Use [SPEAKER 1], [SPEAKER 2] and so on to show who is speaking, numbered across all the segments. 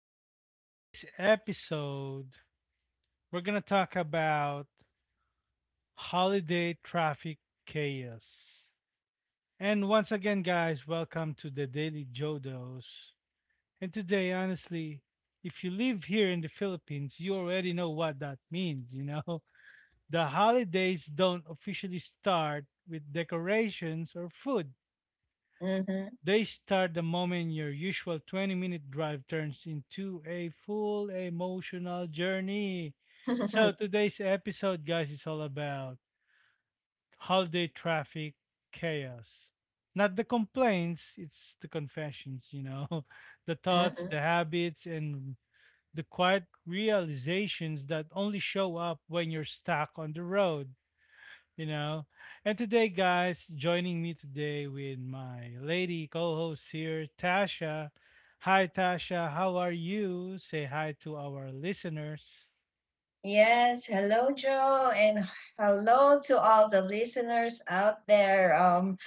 [SPEAKER 1] So, today's episode, we're going to talk about holiday traffic chaos. And once again, guys, welcome to the Daily Jodos. And today, honestly, if you live here in the Philippines, you already know what that means, you know? The holidays don't officially start with decorations or food.
[SPEAKER 2] Mm-hmm.
[SPEAKER 1] They start the moment your usual 20-minute minute drive turns into a full emotional journey. So, today's episode, guys, is all about holiday traffic chaos. Not the complaints, it's the confessions, you know, the thoughts,
[SPEAKER 2] Uh-uh.
[SPEAKER 1] the habits, and the quiet realizations that only show up when you're stuck on the road you know. And today, guys, joining me today with my lady co-host here, Tasha. Hi, Tasha. How are you? Say hi to our listeners.
[SPEAKER 2] Yes, hello, Joe, and hello to all the listeners out there.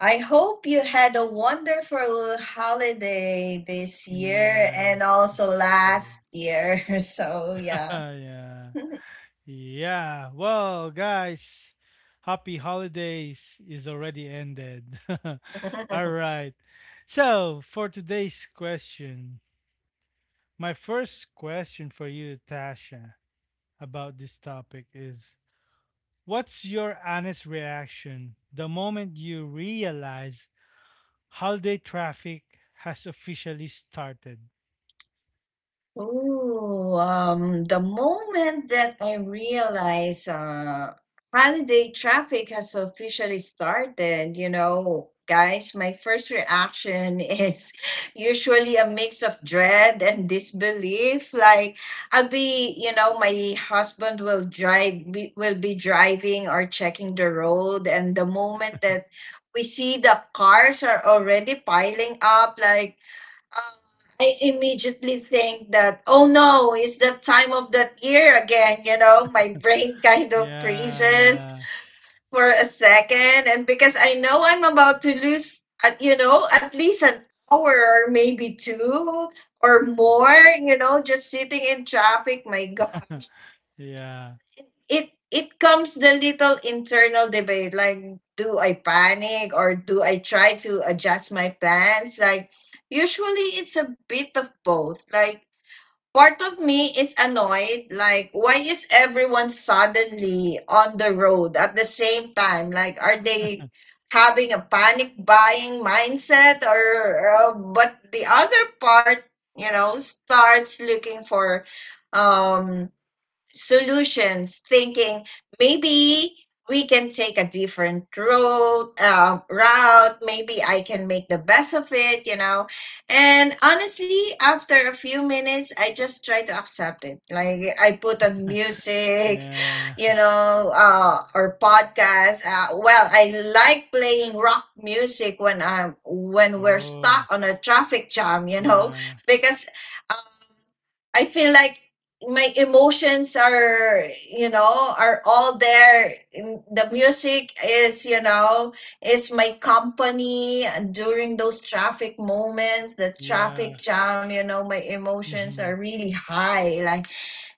[SPEAKER 2] I hope you had a wonderful holiday this year and
[SPEAKER 1] Yes,
[SPEAKER 2] also
[SPEAKER 1] it's true.
[SPEAKER 2] last year. So, yeah.
[SPEAKER 1] Yeah, yeah. Well, guys, happy holidays is already ended. All right. So for today's question, my first question for you, Tasha, about this topic is, what's your honest reaction the moment you realize holiday traffic has officially started?
[SPEAKER 2] Oh, the moment that I realized holiday traffic has officially started, you know, guys, my first reaction is usually a mix of dread and disbelief. Like I'll be, you know, my husband will drive, will be driving or checking the road, and the moment that we see the cars are already piling up, like uh, I immediately think that, oh no, it's that time of that year again. You know, my brain kind of freezes
[SPEAKER 1] Yeah,
[SPEAKER 2] for a second. And because I know I'm about to lose, you know, at least an hour or maybe two or more, you know, just sitting in traffic, my God.
[SPEAKER 1] yeah,
[SPEAKER 2] It comes the little internal debate like, do I panic or do I try to adjust my plans? Like, usually it's a bit of both. Like, part of me is annoyed, like why is everyone suddenly on the road at the same time, like are
[SPEAKER 1] yeah,
[SPEAKER 2] they having a panic buying mindset or but the other part, you know, starts looking for um solutions, thinking maybe we can take a different road route, maybe I can make the best of it, you know. And honestly, after a few minutes I just try to accept it, like I put on music,
[SPEAKER 1] yeah.
[SPEAKER 2] you know, or podcast. Well, I like playing rock music when I'm when we're stuck
[SPEAKER 1] Oh,
[SPEAKER 2] on a traffic jam, you know,
[SPEAKER 1] yeah,
[SPEAKER 2] because um, I feel like my emotions are, you know, are all there. The music is, you know, is my company during those traffic moments, the
[SPEAKER 1] yeah.
[SPEAKER 2] traffic jam, you know, my emotions
[SPEAKER 1] Mm-hmm,
[SPEAKER 2] are really high. Like,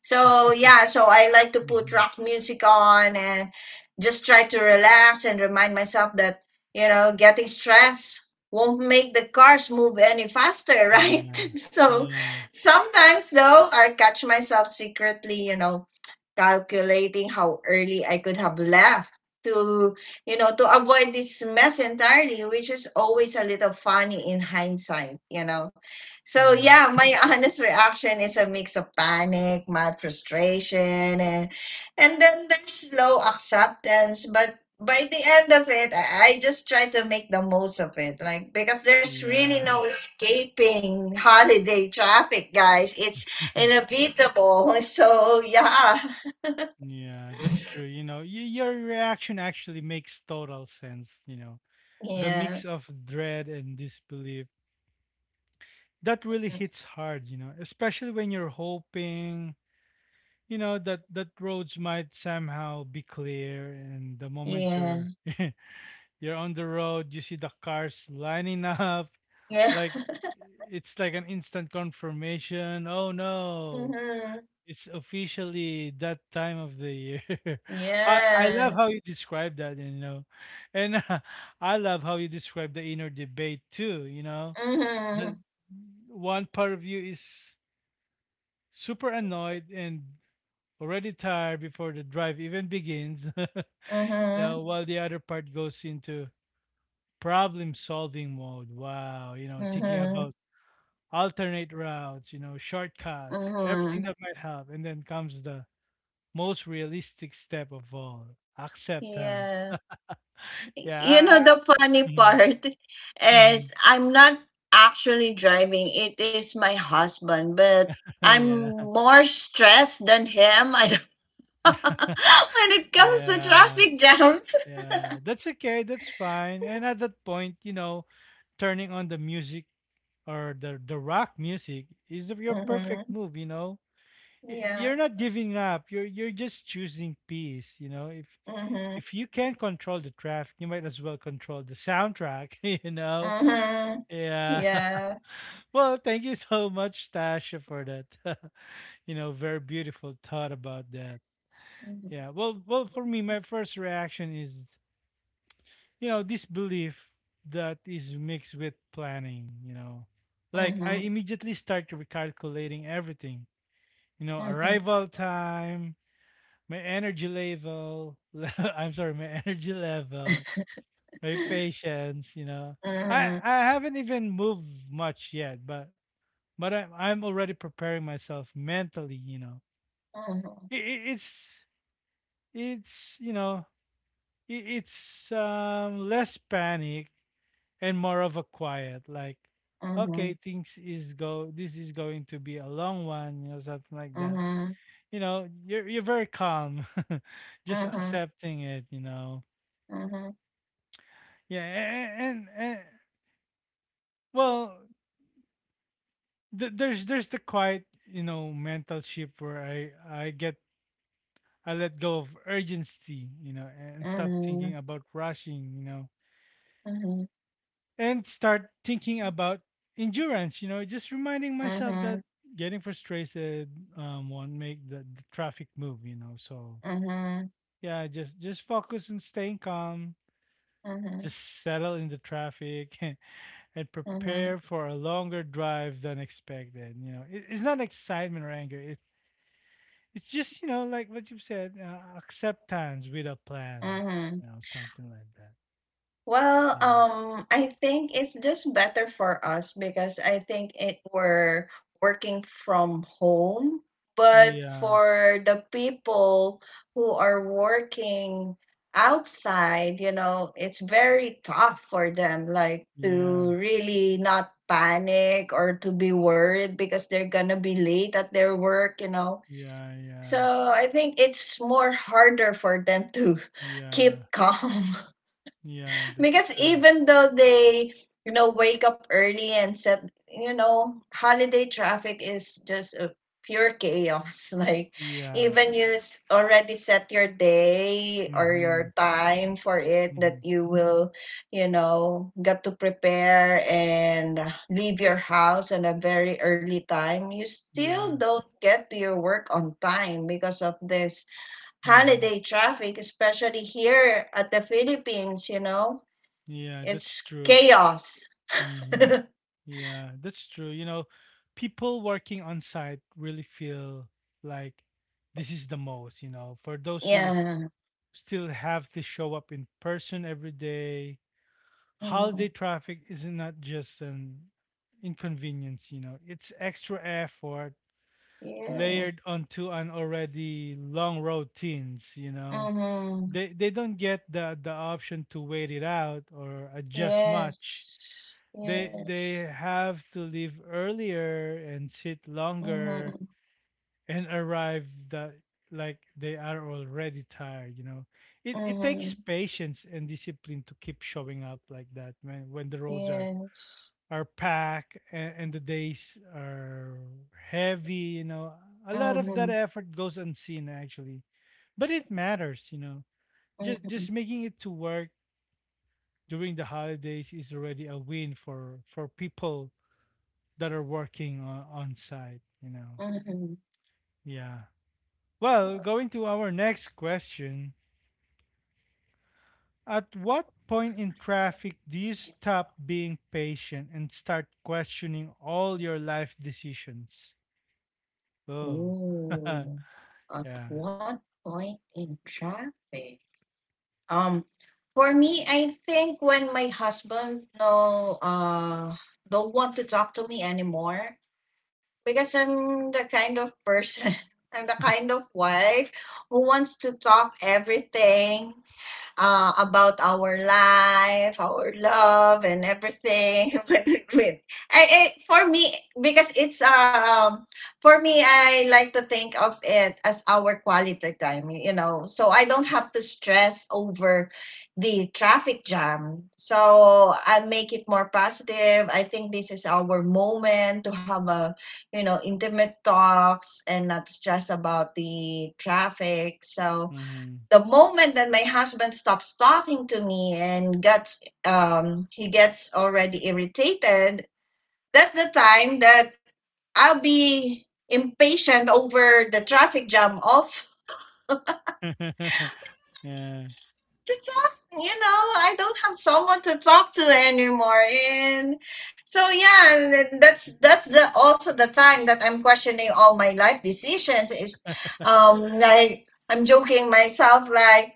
[SPEAKER 2] so yeah, so I like to put
[SPEAKER 1] mm-hmm.
[SPEAKER 2] rock music on and just try to relax and remind myself that, you know, getting stressed won't make the cars move any faster, right?
[SPEAKER 1] Yeah,
[SPEAKER 2] So
[SPEAKER 1] yeah,
[SPEAKER 2] sometimes though, I catch myself secretly, you know, calculating how early I could have left to, you know, to avoid this mess entirely, which is always a little funny in hindsight, you know. So
[SPEAKER 1] yeah,
[SPEAKER 2] yeah, my honest reaction is a mix of panic, mild frustration, and and then there's slow acceptance, but by the end of it, I just try to make the most of it. Like, because there's really
[SPEAKER 1] yeah.
[SPEAKER 2] no escaping holiday traffic, guys. It's inevitable. So yeah.
[SPEAKER 1] Yeah, that's true. You know, your reaction actually makes total sense. You know, the mix
[SPEAKER 2] Yeah.
[SPEAKER 1] of dread and disbelief that really
[SPEAKER 2] Mm.
[SPEAKER 1] hits hard, you know, especially when you're hoping, you know, that roads might somehow be clear, and the moment
[SPEAKER 2] Yeah.
[SPEAKER 1] you're you're on the road, you see the cars lining up,
[SPEAKER 2] Yeah.
[SPEAKER 1] like, it's like an instant confirmation. Oh no,
[SPEAKER 2] Mhm.
[SPEAKER 1] it's officially that time of the year. I love how
[SPEAKER 2] Yes.
[SPEAKER 1] you describe that, you know. And I love how you describe the inner debate too, you know. The
[SPEAKER 2] Mhm.
[SPEAKER 1] one part of you is super annoyed and already tired before the drive even begins, you
[SPEAKER 2] Mhm.
[SPEAKER 1] know, while the other part goes into problem solving mode. Wow, you know, thinking
[SPEAKER 2] Mhm.
[SPEAKER 1] about alternate routes, you know, shortcuts, everything
[SPEAKER 2] Mhm.
[SPEAKER 1] that might help. And then comes the most realistic step of all, acceptance.
[SPEAKER 2] Yeah. You
[SPEAKER 1] Yeah.
[SPEAKER 2] know the funny
[SPEAKER 1] Mm-hmm.
[SPEAKER 2] part is I'm not actually driving. It is my husband, but I'm
[SPEAKER 1] Yeah.
[SPEAKER 2] more stressed than him. I don't when it comes to
[SPEAKER 1] Yeah,
[SPEAKER 2] traffic jams.
[SPEAKER 1] yeah, that's okay. That's fine. And at that point, you know, turning on the music or the rock music is your perfect
[SPEAKER 2] Mhm.
[SPEAKER 1] move, you know.
[SPEAKER 2] Yeah.
[SPEAKER 1] You're not giving up, you're just choosing peace, you know. if
[SPEAKER 2] Mhm.
[SPEAKER 1] if you can't control the traffic, you might as well control the soundtrack, you know.
[SPEAKER 2] Mhm.
[SPEAKER 1] Yeah.
[SPEAKER 2] Yeah.
[SPEAKER 1] Well, thank you so much, Tasha, for that. You know, very beautiful thought about that.
[SPEAKER 2] Mhm.
[SPEAKER 1] Yeah. Well, for me, my first reaction is, you know, this belief that is mixed with planning, you know. Like, I
[SPEAKER 2] Mhm.
[SPEAKER 1] immediately start recalculating everything, you know,
[SPEAKER 2] Mhm.
[SPEAKER 1] arrival time, my energy level. I'm sorry, my energy level, my patience. You know, I
[SPEAKER 2] Uh-huh,
[SPEAKER 1] I haven't even moved much yet, but I'm already preparing myself mentally. You know,
[SPEAKER 2] uh-huh,
[SPEAKER 1] it, it, it's it's you know, it's less panic and more of a quiet, like, okay,
[SPEAKER 2] uh-huh,
[SPEAKER 1] things is go this is going to be a long one, you know, something like that,
[SPEAKER 2] uh-huh,
[SPEAKER 1] you know. You're very calm. Just
[SPEAKER 2] uh-huh,
[SPEAKER 1] accepting it, you know.
[SPEAKER 2] uh-huh,
[SPEAKER 1] Yeah. And well, there's the quiet, you know, mental shift, where i get I let go of urgency, you know, and
[SPEAKER 2] uh-huh,
[SPEAKER 1] stop thinking
[SPEAKER 2] uh-huh,
[SPEAKER 1] about rushing, you know, and start thinking about endurance, you know, just reminding myself
[SPEAKER 2] uh-huh,
[SPEAKER 1] that getting frustrated, won't make the traffic move, you know, so
[SPEAKER 2] uh-huh,
[SPEAKER 1] yeah. Just focus on staying calm,
[SPEAKER 2] uh-huh,
[SPEAKER 1] just settle in the traffic, and
[SPEAKER 2] uh-huh,
[SPEAKER 1] prepare for a longer drive than expected. You know, it's not excitement or anger. It's just, you know, like what you've said, acceptance with a plan.
[SPEAKER 2] uh-huh.
[SPEAKER 1] You know, something like that.
[SPEAKER 2] Well,
[SPEAKER 1] Yeah.
[SPEAKER 2] I think it's just better for us because I think it we're working from home. But
[SPEAKER 1] Yeah.
[SPEAKER 2] for the people who are working outside, you know, it's very tough for them, like to
[SPEAKER 1] Yeah.
[SPEAKER 2] really not panic or to be worried because they're gonna be late at their work, you know.
[SPEAKER 1] Yeah. Yeah.
[SPEAKER 2] So I think it's more harder for them to
[SPEAKER 1] Yeah.
[SPEAKER 2] keep calm
[SPEAKER 1] Yeah. That's
[SPEAKER 2] because
[SPEAKER 1] true.
[SPEAKER 2] even though they, you know, wake up early and set, you know, holiday traffic is just a pure chaos. Like,
[SPEAKER 1] Yeah.
[SPEAKER 2] even you already set your day or
[SPEAKER 1] Mm-hmm.
[SPEAKER 2] your time for it that
[SPEAKER 1] Mm-hmm.
[SPEAKER 2] you will, you know, get to prepare and leave your house at a very early time, you still
[SPEAKER 1] Yeah.
[SPEAKER 2] don't get to your work on time because of this
[SPEAKER 1] Mm-hmm.
[SPEAKER 2] holiday traffic, especially here at the Philippines, you know,
[SPEAKER 1] Yeah. That's
[SPEAKER 2] it's
[SPEAKER 1] true.
[SPEAKER 2] chaos.
[SPEAKER 1] Mm-hmm. Yeah, that's true. You know, people working on site really feel like this is the most, you know, for those who
[SPEAKER 2] Yeah.
[SPEAKER 1] still have to show up in person every day. Holiday
[SPEAKER 2] Mhm.
[SPEAKER 1] traffic is not just an inconvenience, you know, it's extra effort
[SPEAKER 2] Yes.
[SPEAKER 1] layered onto an already long routines, you know.
[SPEAKER 2] Mm-hmm.
[SPEAKER 1] They don't get the option to wait it out or adjust much.
[SPEAKER 2] Yes.
[SPEAKER 1] They
[SPEAKER 2] Yes.
[SPEAKER 1] have to leave earlier and sit longer
[SPEAKER 2] Mm-hmm.
[SPEAKER 1] and arrive that like they are already tired, you know. It takes
[SPEAKER 2] Mm-hmm.
[SPEAKER 1] patience and discipline to keep showing up like that, when the roads are
[SPEAKER 2] Yes.
[SPEAKER 1] are packed, and the days are heavy, you know. A lot of that
[SPEAKER 2] Mm-hmm.
[SPEAKER 1] effort goes unseen, actually, but it matters, you know. just
[SPEAKER 2] Mm-hmm.
[SPEAKER 1] just making it to work during the holidays is already a win for people that are working on site, you know.
[SPEAKER 2] Mm-hmm.
[SPEAKER 1] Yeah. Well, going to our next question. At what point in traffic do you stop being patient and start questioning all your life decisions? Oh,
[SPEAKER 2] Ooh. At
[SPEAKER 1] yeah.
[SPEAKER 2] what point in traffic? Um, for me, I think when my husband don't want to talk to me anymore, because I'm the kind of person, I'm the kind of wife who wants to top everything, about our life, our love, and everything. For me, because it's um for me, I like to think of it as our quality time. You know, so I don't have to stress over the traffic jam. So I make it more positive. I think this is our moment to have a, you know, intimate talks and not just about the traffic. So
[SPEAKER 1] Hmm.
[SPEAKER 2] the moment that my husband stops talking to me and gets he gets already irritated, that's the time that I'll be impatient over the traffic jam also
[SPEAKER 1] Yeah.
[SPEAKER 2] to talk, you know. I don't have someone to talk to anymore, and so yeah, and then that's the also the time that I'm questioning all my life decisions, is like I'm joking myself, like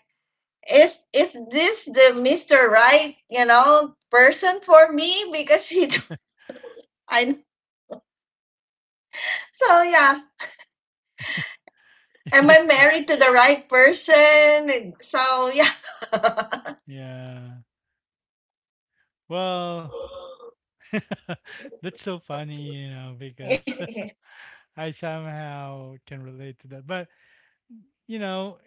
[SPEAKER 2] is this the Mr. Right, you know, person for me? Because he, I so yeah. Am I married to the right person? So yeah,
[SPEAKER 1] Yeah. Well, that's so funny, you know, because I somehow can relate to that. But, you know,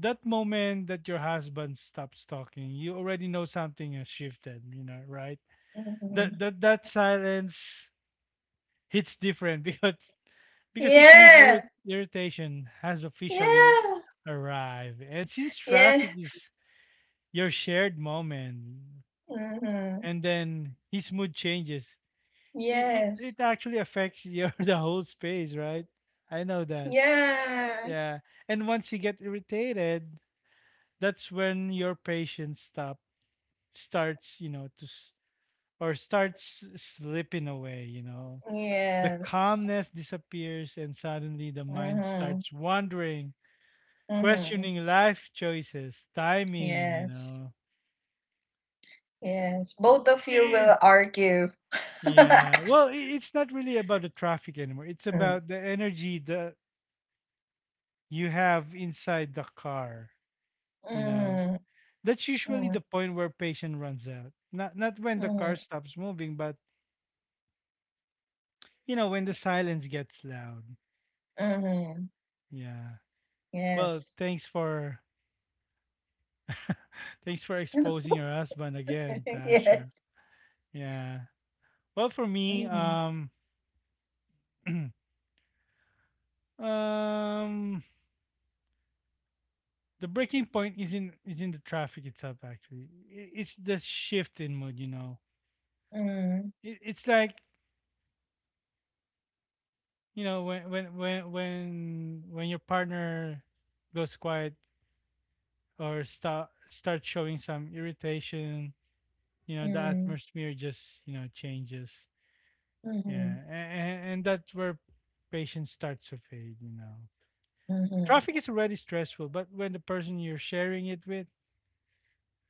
[SPEAKER 1] that moment that your husband stops talking, you already know something has shifted, you know, right? That silence hits different, because it means
[SPEAKER 2] yeah,
[SPEAKER 1] irritation has officially
[SPEAKER 2] yeah,
[SPEAKER 1] arrived. And since
[SPEAKER 2] yeah.
[SPEAKER 1] traffic is your shared moment,
[SPEAKER 2] Hmm.
[SPEAKER 1] and then his mood changes, it, it,
[SPEAKER 2] Yes,
[SPEAKER 1] it actually affects your, the whole space, right? I know that.
[SPEAKER 2] yeah,
[SPEAKER 1] Yeah. And once you get irritated, that's when your patience stop starts, you know, to or starts slipping away, you know. The
[SPEAKER 2] yes.
[SPEAKER 1] calmness disappears and suddenly the mind
[SPEAKER 2] Hmm.
[SPEAKER 1] starts wandering,
[SPEAKER 2] Hmm.
[SPEAKER 1] questioning life choices, timing, you
[SPEAKER 2] Yes,
[SPEAKER 1] know.
[SPEAKER 2] yes. Both of you
[SPEAKER 1] Eh,
[SPEAKER 2] will argue.
[SPEAKER 1] yeah. Well, it's not really about the traffic anymore. It's
[SPEAKER 2] Mm,
[SPEAKER 1] about the energy that you have inside the car, you know.
[SPEAKER 2] mm,
[SPEAKER 1] That's usually
[SPEAKER 2] mm,
[SPEAKER 1] the point where patience runs out. Not when the
[SPEAKER 2] mm,
[SPEAKER 1] car stops moving, but, you know, when the silence gets loud.
[SPEAKER 2] mm.
[SPEAKER 1] Yeah. Well,
[SPEAKER 2] Yes.
[SPEAKER 1] thanks for thanks for exposing your husband again,
[SPEAKER 2] Yes.
[SPEAKER 1] Tasha. Yeah. Well, for me,
[SPEAKER 2] Mm,
[SPEAKER 1] um, the breaking point isn't is in the traffic itself. Actually, it's the shift in mood. You know,
[SPEAKER 2] mm,
[SPEAKER 1] it's like, you know, when your partner goes quiet or start showing some irritation. You know, the
[SPEAKER 2] mm,
[SPEAKER 1] atmosphere just, you know, changes.
[SPEAKER 2] mhm,
[SPEAKER 1] Yeah, and that's where patience starts to fade, you know.
[SPEAKER 2] mhm,
[SPEAKER 1] Traffic is already stressful, but when the person you're sharing it with,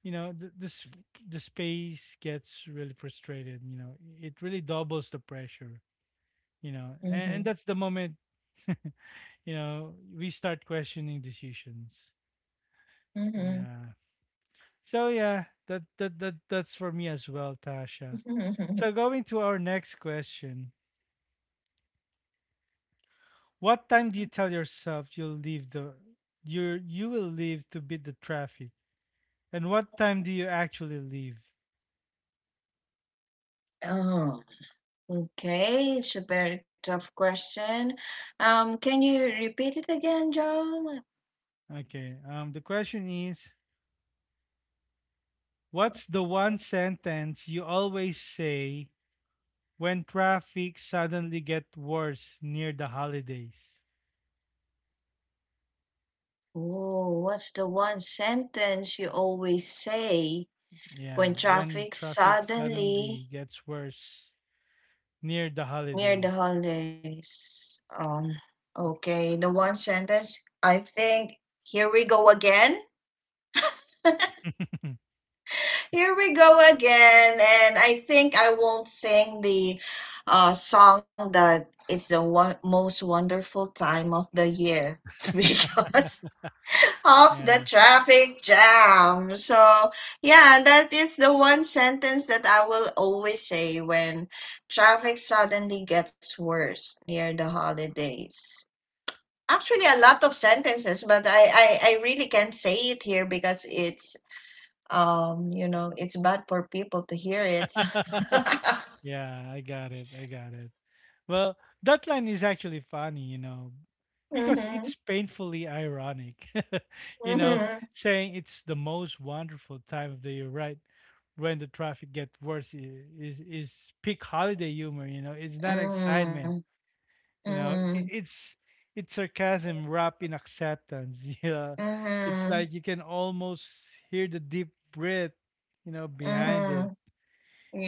[SPEAKER 1] you know, the space gets really frustrated, you know, it really doubles the pressure, you know,
[SPEAKER 2] mhm,
[SPEAKER 1] and that's the moment, you know, we start questioning decisions.
[SPEAKER 2] mhm,
[SPEAKER 1] Yeah. So yeah, that's for me as well, Tasha.
[SPEAKER 2] mhm.
[SPEAKER 1] So going to our next question. What time do you tell yourself you will leave to beat the traffic? And what time do you actually leave?
[SPEAKER 2] Oh, okay. It's a very tough question. Can you repeat it again, Joan?
[SPEAKER 1] Okay. The question is, what's the one sentence you always say when traffic suddenly get worse near the holidays?
[SPEAKER 2] Oh, what's the one sentence you always say
[SPEAKER 1] Yeah,
[SPEAKER 2] when
[SPEAKER 1] when the
[SPEAKER 2] traffic
[SPEAKER 1] traffic suddenly
[SPEAKER 2] suddenly
[SPEAKER 1] gets worse near the
[SPEAKER 2] near the
[SPEAKER 1] holidays.
[SPEAKER 2] holidays. Okay, the one sentence. I think here we go again. Here we go again, and I think I won't sing the song that it's the one most wonderful time of the year because of the
[SPEAKER 1] Yeah.
[SPEAKER 2] traffic jam. So yeah, that is the one sentence that I will always say when traffic suddenly gets worse near the holidays. Actually a lot of sentences, but I really can't say it here because it's, you know, it's bad for people to hear it.
[SPEAKER 1] Yeah, I got it. I got it. Well, that line is actually funny, you know, because
[SPEAKER 2] Mm-hmm,
[SPEAKER 1] it's painfully ironic. You know,
[SPEAKER 2] mm-hmm,
[SPEAKER 1] saying it's the most wonderful time of the year, right? When the traffic gets worse, is peak holiday humor, you know. It's not
[SPEAKER 2] mm-hmm,
[SPEAKER 1] excitement, you know.
[SPEAKER 2] mm-hmm,
[SPEAKER 1] It's sarcasm wrapped in acceptance. Yeah. It's
[SPEAKER 2] mm-hmm,
[SPEAKER 1] like you can almost hear the deep breath, you know, behind it.
[SPEAKER 2] mm-hmm,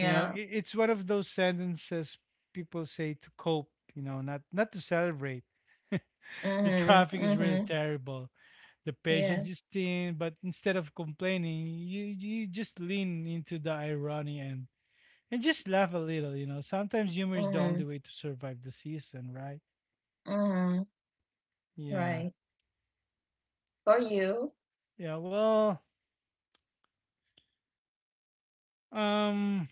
[SPEAKER 1] You know, it's one of those sentences people say to cope, you know, not to celebrate. The
[SPEAKER 2] mm-hmm,
[SPEAKER 1] traffic is really
[SPEAKER 2] mm-hmm,
[SPEAKER 1] terrible. The
[SPEAKER 2] yeah,
[SPEAKER 1] patience is thin, but instead of complaining, you just lean into the irony and just laugh a little, you know. Sometimes humor is the only
[SPEAKER 2] mm-hmm,
[SPEAKER 1] way to survive the season, right?
[SPEAKER 2] mm-hmm,
[SPEAKER 1] Yeah.
[SPEAKER 2] right. For you.
[SPEAKER 1] Yeah, well, um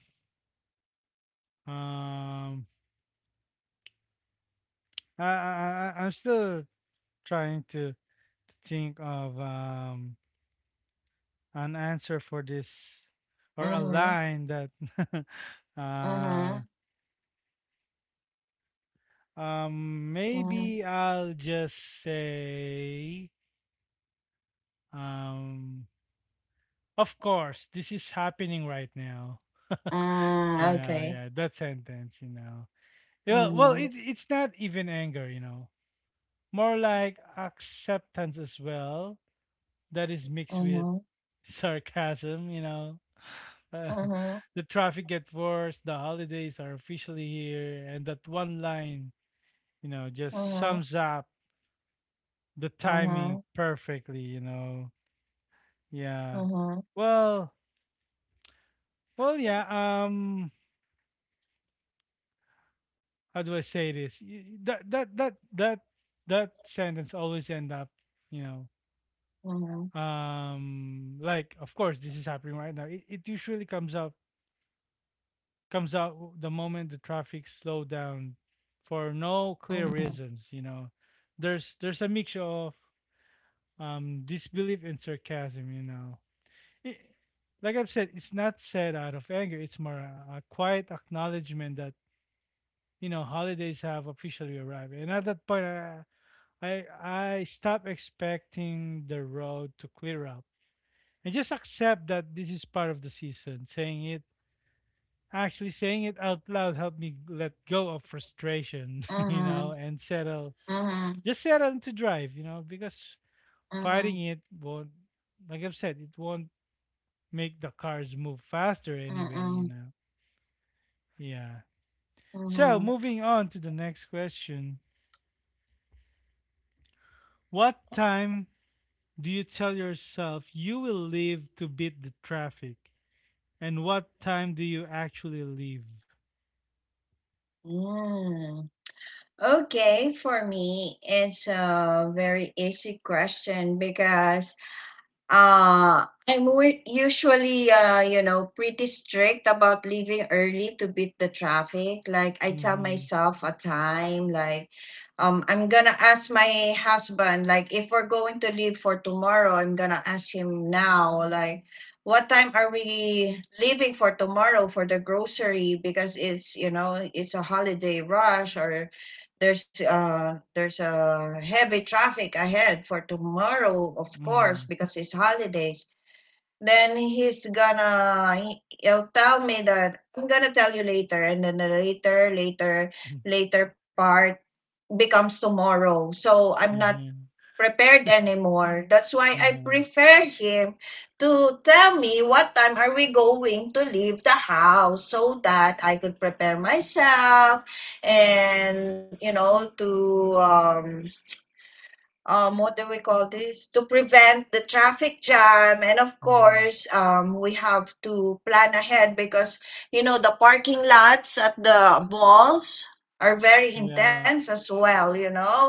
[SPEAKER 1] um I'm still trying to think of an answer for this, or a
[SPEAKER 2] Mm-hmm,
[SPEAKER 1] line that uh
[SPEAKER 2] mm-hmm, mm-hmm,
[SPEAKER 1] maybe I'll just say, um of course this is happening right now. You
[SPEAKER 2] mm,
[SPEAKER 1] know, yeah,
[SPEAKER 2] okay.
[SPEAKER 1] that sentence, you know. Yeah, well,
[SPEAKER 2] Mm-hmm,
[SPEAKER 1] it's not even anger, you know. More like acceptance as well, that is mixed with
[SPEAKER 2] mm-hmm,
[SPEAKER 1] sarcasm, you know. Uh,
[SPEAKER 2] mm-hmm,
[SPEAKER 1] the traffic gets worse, the holidays are officially here, and that one line, you know, just
[SPEAKER 2] mm-hmm,
[SPEAKER 1] sums up the
[SPEAKER 2] mm-hmm,
[SPEAKER 1] timing perfectly, you know. Yeah.
[SPEAKER 2] mm-hmm.
[SPEAKER 1] Well, yeah. Um, how do I say this? That sentence always end up, you
[SPEAKER 2] Mm-hmm.
[SPEAKER 1] know, like, of course this is happening right now. It usually comes out the moment the traffic slowed down for
[SPEAKER 2] Um,
[SPEAKER 1] no clear reasons, you know. There's a mixture of disbelief and sarcasm, it, like I've said. It's not said out of anger. It's more a quiet acknowledgement that, holidays have officially arrived, and at that point, I stop expecting the road to clear up and just accept that this is part of the season. Saying it Actually, saying it out loud helped me let go of frustration, you
[SPEAKER 2] Uh-huh,
[SPEAKER 1] know, and
[SPEAKER 2] uh-huh,
[SPEAKER 1] just settle to drive, you know, because
[SPEAKER 2] uh-huh,
[SPEAKER 1] fighting it won't, like I've said, it won't make the cars move faster anyway,
[SPEAKER 2] uh-huh,
[SPEAKER 1] you know. Yeah. So
[SPEAKER 2] uh-huh.
[SPEAKER 1] moving on to the next question. What time do you tell yourself you will leave to beat the traffic? And what time do you actually leave?
[SPEAKER 2] Yeah. Okay, for me, it's a very easy question because I'm usually, you know, pretty strict about leaving early to beat the traffic. Like I tell
[SPEAKER 1] Mm-hmm.
[SPEAKER 2] myself a time, like, I'm gonna ask my husband, like, if we're going to leave for tomorrow, I'm gonna ask him now, like, what time are we leaving for tomorrow for the grocery? Because it's, you know, it's a holiday rush, or there's a heavy traffic ahead for tomorrow, of
[SPEAKER 1] Mm-hmm.
[SPEAKER 2] course, because it's holidays. Then he'll tell me that I'm gonna tell you later, and then the later, later, later part becomes tomorrow. So I'm not
[SPEAKER 1] Mm-hmm.
[SPEAKER 2] prepared anymore. That's why I
[SPEAKER 1] Mm-hmm.
[SPEAKER 2] prefer him to tell me what time are we going to leave the house so that I could prepare myself, and you know, to what do we call this, to prevent the traffic jam. And of
[SPEAKER 1] Mm-hmm.
[SPEAKER 2] course, we have to plan ahead because, you know, the parking lots at the malls are very
[SPEAKER 1] Yeah.
[SPEAKER 2] intense as well, you know.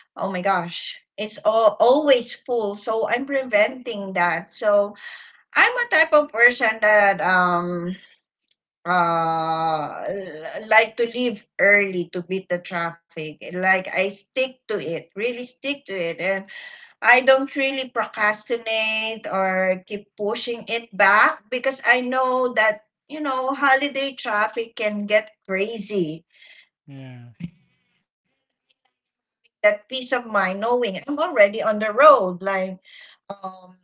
[SPEAKER 2] Oh my gosh. It's all, always full, so I'm preventing that. So I'm a type of person that like to leave early to beat the traffic. Like I stick to it, really stick to it, and I don't really procrastinate or keep pushing it back because I know that, you know, holiday traffic can get crazy.
[SPEAKER 1] Yeah.
[SPEAKER 2] That peace of mind knowing I'm already on the road, like, um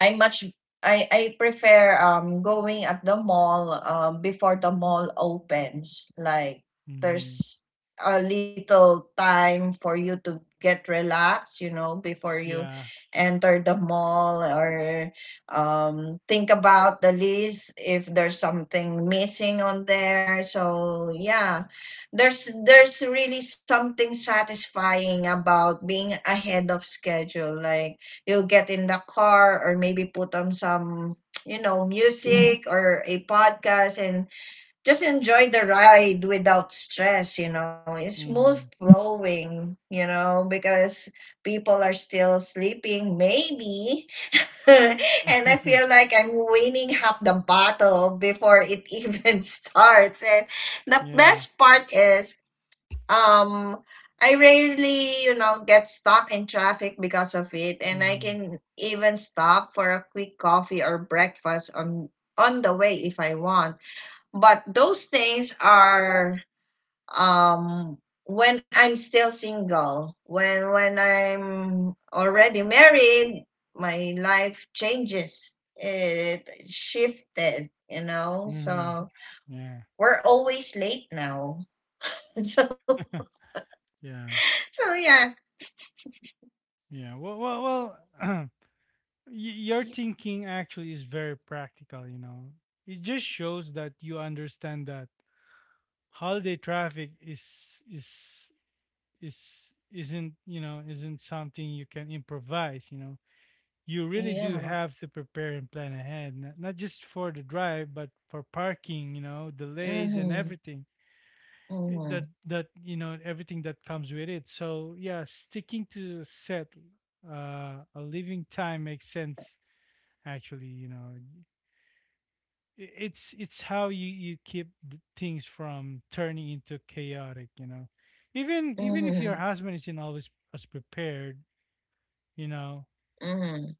[SPEAKER 2] I much I prefer going at the mall before the mall opens. Like
[SPEAKER 1] Mhm.
[SPEAKER 2] there's a little time for you to get relaxed, you know, before you
[SPEAKER 1] Yeah.
[SPEAKER 2] enter the mall or think about the list if there's something missing on there. So yeah, there's really something satisfying about being ahead of schedule. Like you'll get in the car or maybe put on some, you know, Mhm. music or a podcast, and just enjoy the ride without stress, you know. It's smooth
[SPEAKER 1] Mhm.
[SPEAKER 2] flowing, you know, because people are still sleeping maybe, and I feel like I'm winning half the battle before it even starts. And the
[SPEAKER 1] Yeah.
[SPEAKER 2] best part is, um, I rarely, you know, get stuck in traffic because of it, and I
[SPEAKER 1] Mhm.
[SPEAKER 2] can even stop for a quick coffee or breakfast on the way if I want. But those things are um when I'm still single. When I'm already married, my life changes. It shifted, you know.
[SPEAKER 1] Mhm.
[SPEAKER 2] So
[SPEAKER 1] Yeah.
[SPEAKER 2] we're always late now. So
[SPEAKER 1] Yeah.
[SPEAKER 2] so yeah.
[SPEAKER 1] Yeah. Well, your thinking actually is very practical, you know. It just shows that you understand that holiday traffic is is isn't, you know, isn't something you can improvise, you know. You really do
[SPEAKER 2] Yeah.
[SPEAKER 1] have to prepare and plan ahead, not just for the drive, but for parking, delays and
[SPEAKER 2] Mhm,
[SPEAKER 1] everything. That
[SPEAKER 2] mhm,
[SPEAKER 1] that everything that comes with it. So yeah, sticking to set a living time makes sense actually, it's how you keep things from turning into chaotic, you know. Even if
[SPEAKER 2] mhm,
[SPEAKER 1] your husband isn't always as prepared, you know,
[SPEAKER 2] mhm,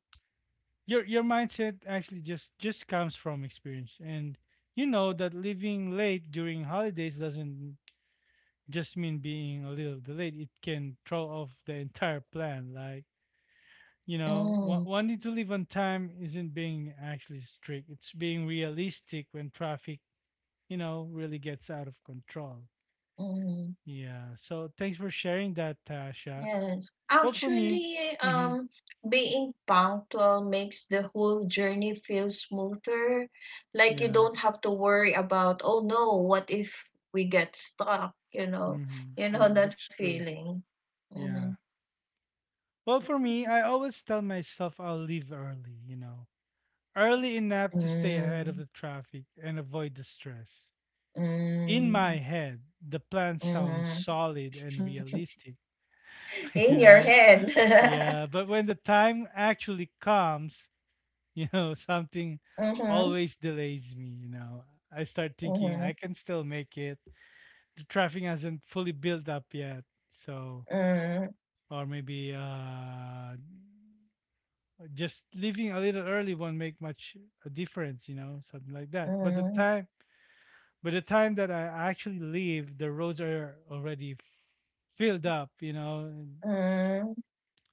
[SPEAKER 1] your mindset actually just comes from experience, and you know that living late during holidays doesn't just mean being a little delayed. It can throw off the entire plan. Like, you know,
[SPEAKER 2] mhm,
[SPEAKER 1] wanting to leave on time isn't being actually strict. It's being realistic when traffic, you know, really gets out of control.
[SPEAKER 2] mhm.
[SPEAKER 1] Yeah. So thanks for sharing that, Tasha.
[SPEAKER 2] Yes,
[SPEAKER 1] Well, for me,
[SPEAKER 2] actually,
[SPEAKER 1] mm-hmm,
[SPEAKER 2] being punctual makes the whole journey feel smoother. Like you
[SPEAKER 1] yeah,
[SPEAKER 2] don't have to worry about, oh no, what if we get stuck?
[SPEAKER 1] mm-hmm,
[SPEAKER 2] You
[SPEAKER 1] yeah,
[SPEAKER 2] know that
[SPEAKER 1] that's true.
[SPEAKER 2] feeling.
[SPEAKER 1] Yeah.
[SPEAKER 2] Mhm.
[SPEAKER 1] Well, for me, I always tell myself I'll leave early, you know, early enough to stay ahead of the
[SPEAKER 2] Mm,
[SPEAKER 1] traffic and avoid the stress. In my
[SPEAKER 2] mm,
[SPEAKER 1] head, the plan sounds
[SPEAKER 2] mhm.
[SPEAKER 1] solid and realistic, you
[SPEAKER 2] In your
[SPEAKER 1] know?
[SPEAKER 2] head.
[SPEAKER 1] Yeah, but when the time actually comes, you know, something
[SPEAKER 2] Mm-hmm.
[SPEAKER 1] always delays me, you know. I start thinking I
[SPEAKER 2] Mm-hmm.
[SPEAKER 1] can still make it. The traffic hasn't fully built up yet. So, or maybe just leaving a little early won't make much a difference, you know, something like that. But the time by the time that I actually leave, the roads are already filled up, you know. And,
[SPEAKER 2] Mm-hmm.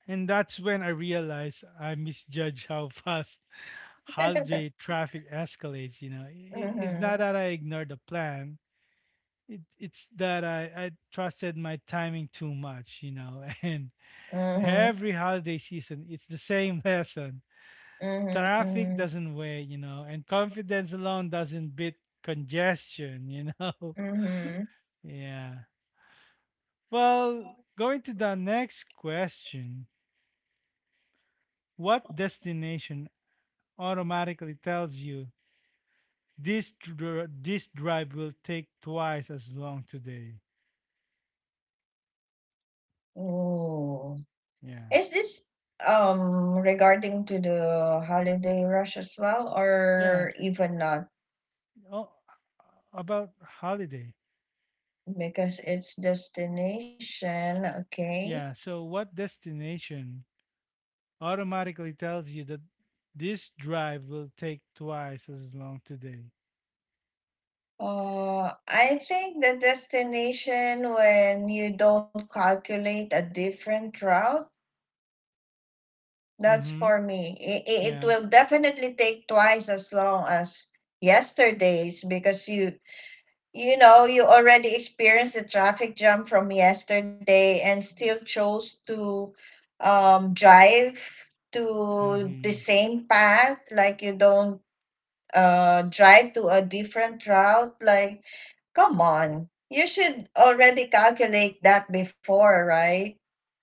[SPEAKER 1] and that's when I realized I misjudge how fast holiday traffic escalates, you know. It's not
[SPEAKER 2] Mhm,
[SPEAKER 1] that I ignored the plan. It's that I trusted my timing too much, you know, and
[SPEAKER 2] mhm,
[SPEAKER 1] every holiday season, it's the same lesson.
[SPEAKER 2] mhm,
[SPEAKER 1] Traffic
[SPEAKER 2] mhm,
[SPEAKER 1] doesn't wait, you know, and confidence alone doesn't beat congestion, you know.
[SPEAKER 2] mhm.
[SPEAKER 1] Yeah. Well, going to the next question. What destination automatically tells you this drive will take twice as long today?
[SPEAKER 2] Ooh.
[SPEAKER 1] Yeah.
[SPEAKER 2] Is this regarding to the holiday rush as well,
[SPEAKER 1] Yeah.
[SPEAKER 2] or even not?
[SPEAKER 1] Oh, about holiday.
[SPEAKER 2] Because it's destination, okay.
[SPEAKER 1] Yeah. So what destination automatically tells you that this drive will take twice as long today?
[SPEAKER 2] I think the destination when you don't calculate a different route, that's
[SPEAKER 1] Mhm.
[SPEAKER 2] for me. It
[SPEAKER 1] Yeah.
[SPEAKER 2] will definitely take twice as long as yesterday's because you already experienced the traffic jam from yesterday and still chose to drive to the
[SPEAKER 1] Mhm.
[SPEAKER 2] same path, like you don't drive to a different route. Like, come on, you should already calculate that before, right?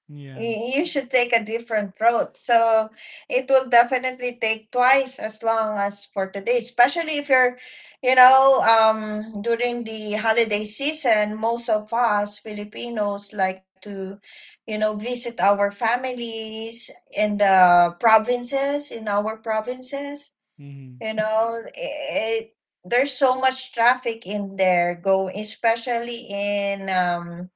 [SPEAKER 1] Yeah.
[SPEAKER 2] You should take a different route. So it will definitely take twice as long as for today, especially if you're, you know, during the holiday season, most of us Filipinos like to, visit our families in the provinces, in our provinces,
[SPEAKER 1] Mhm.
[SPEAKER 2] you know, it, there's so much traffic in there go especially in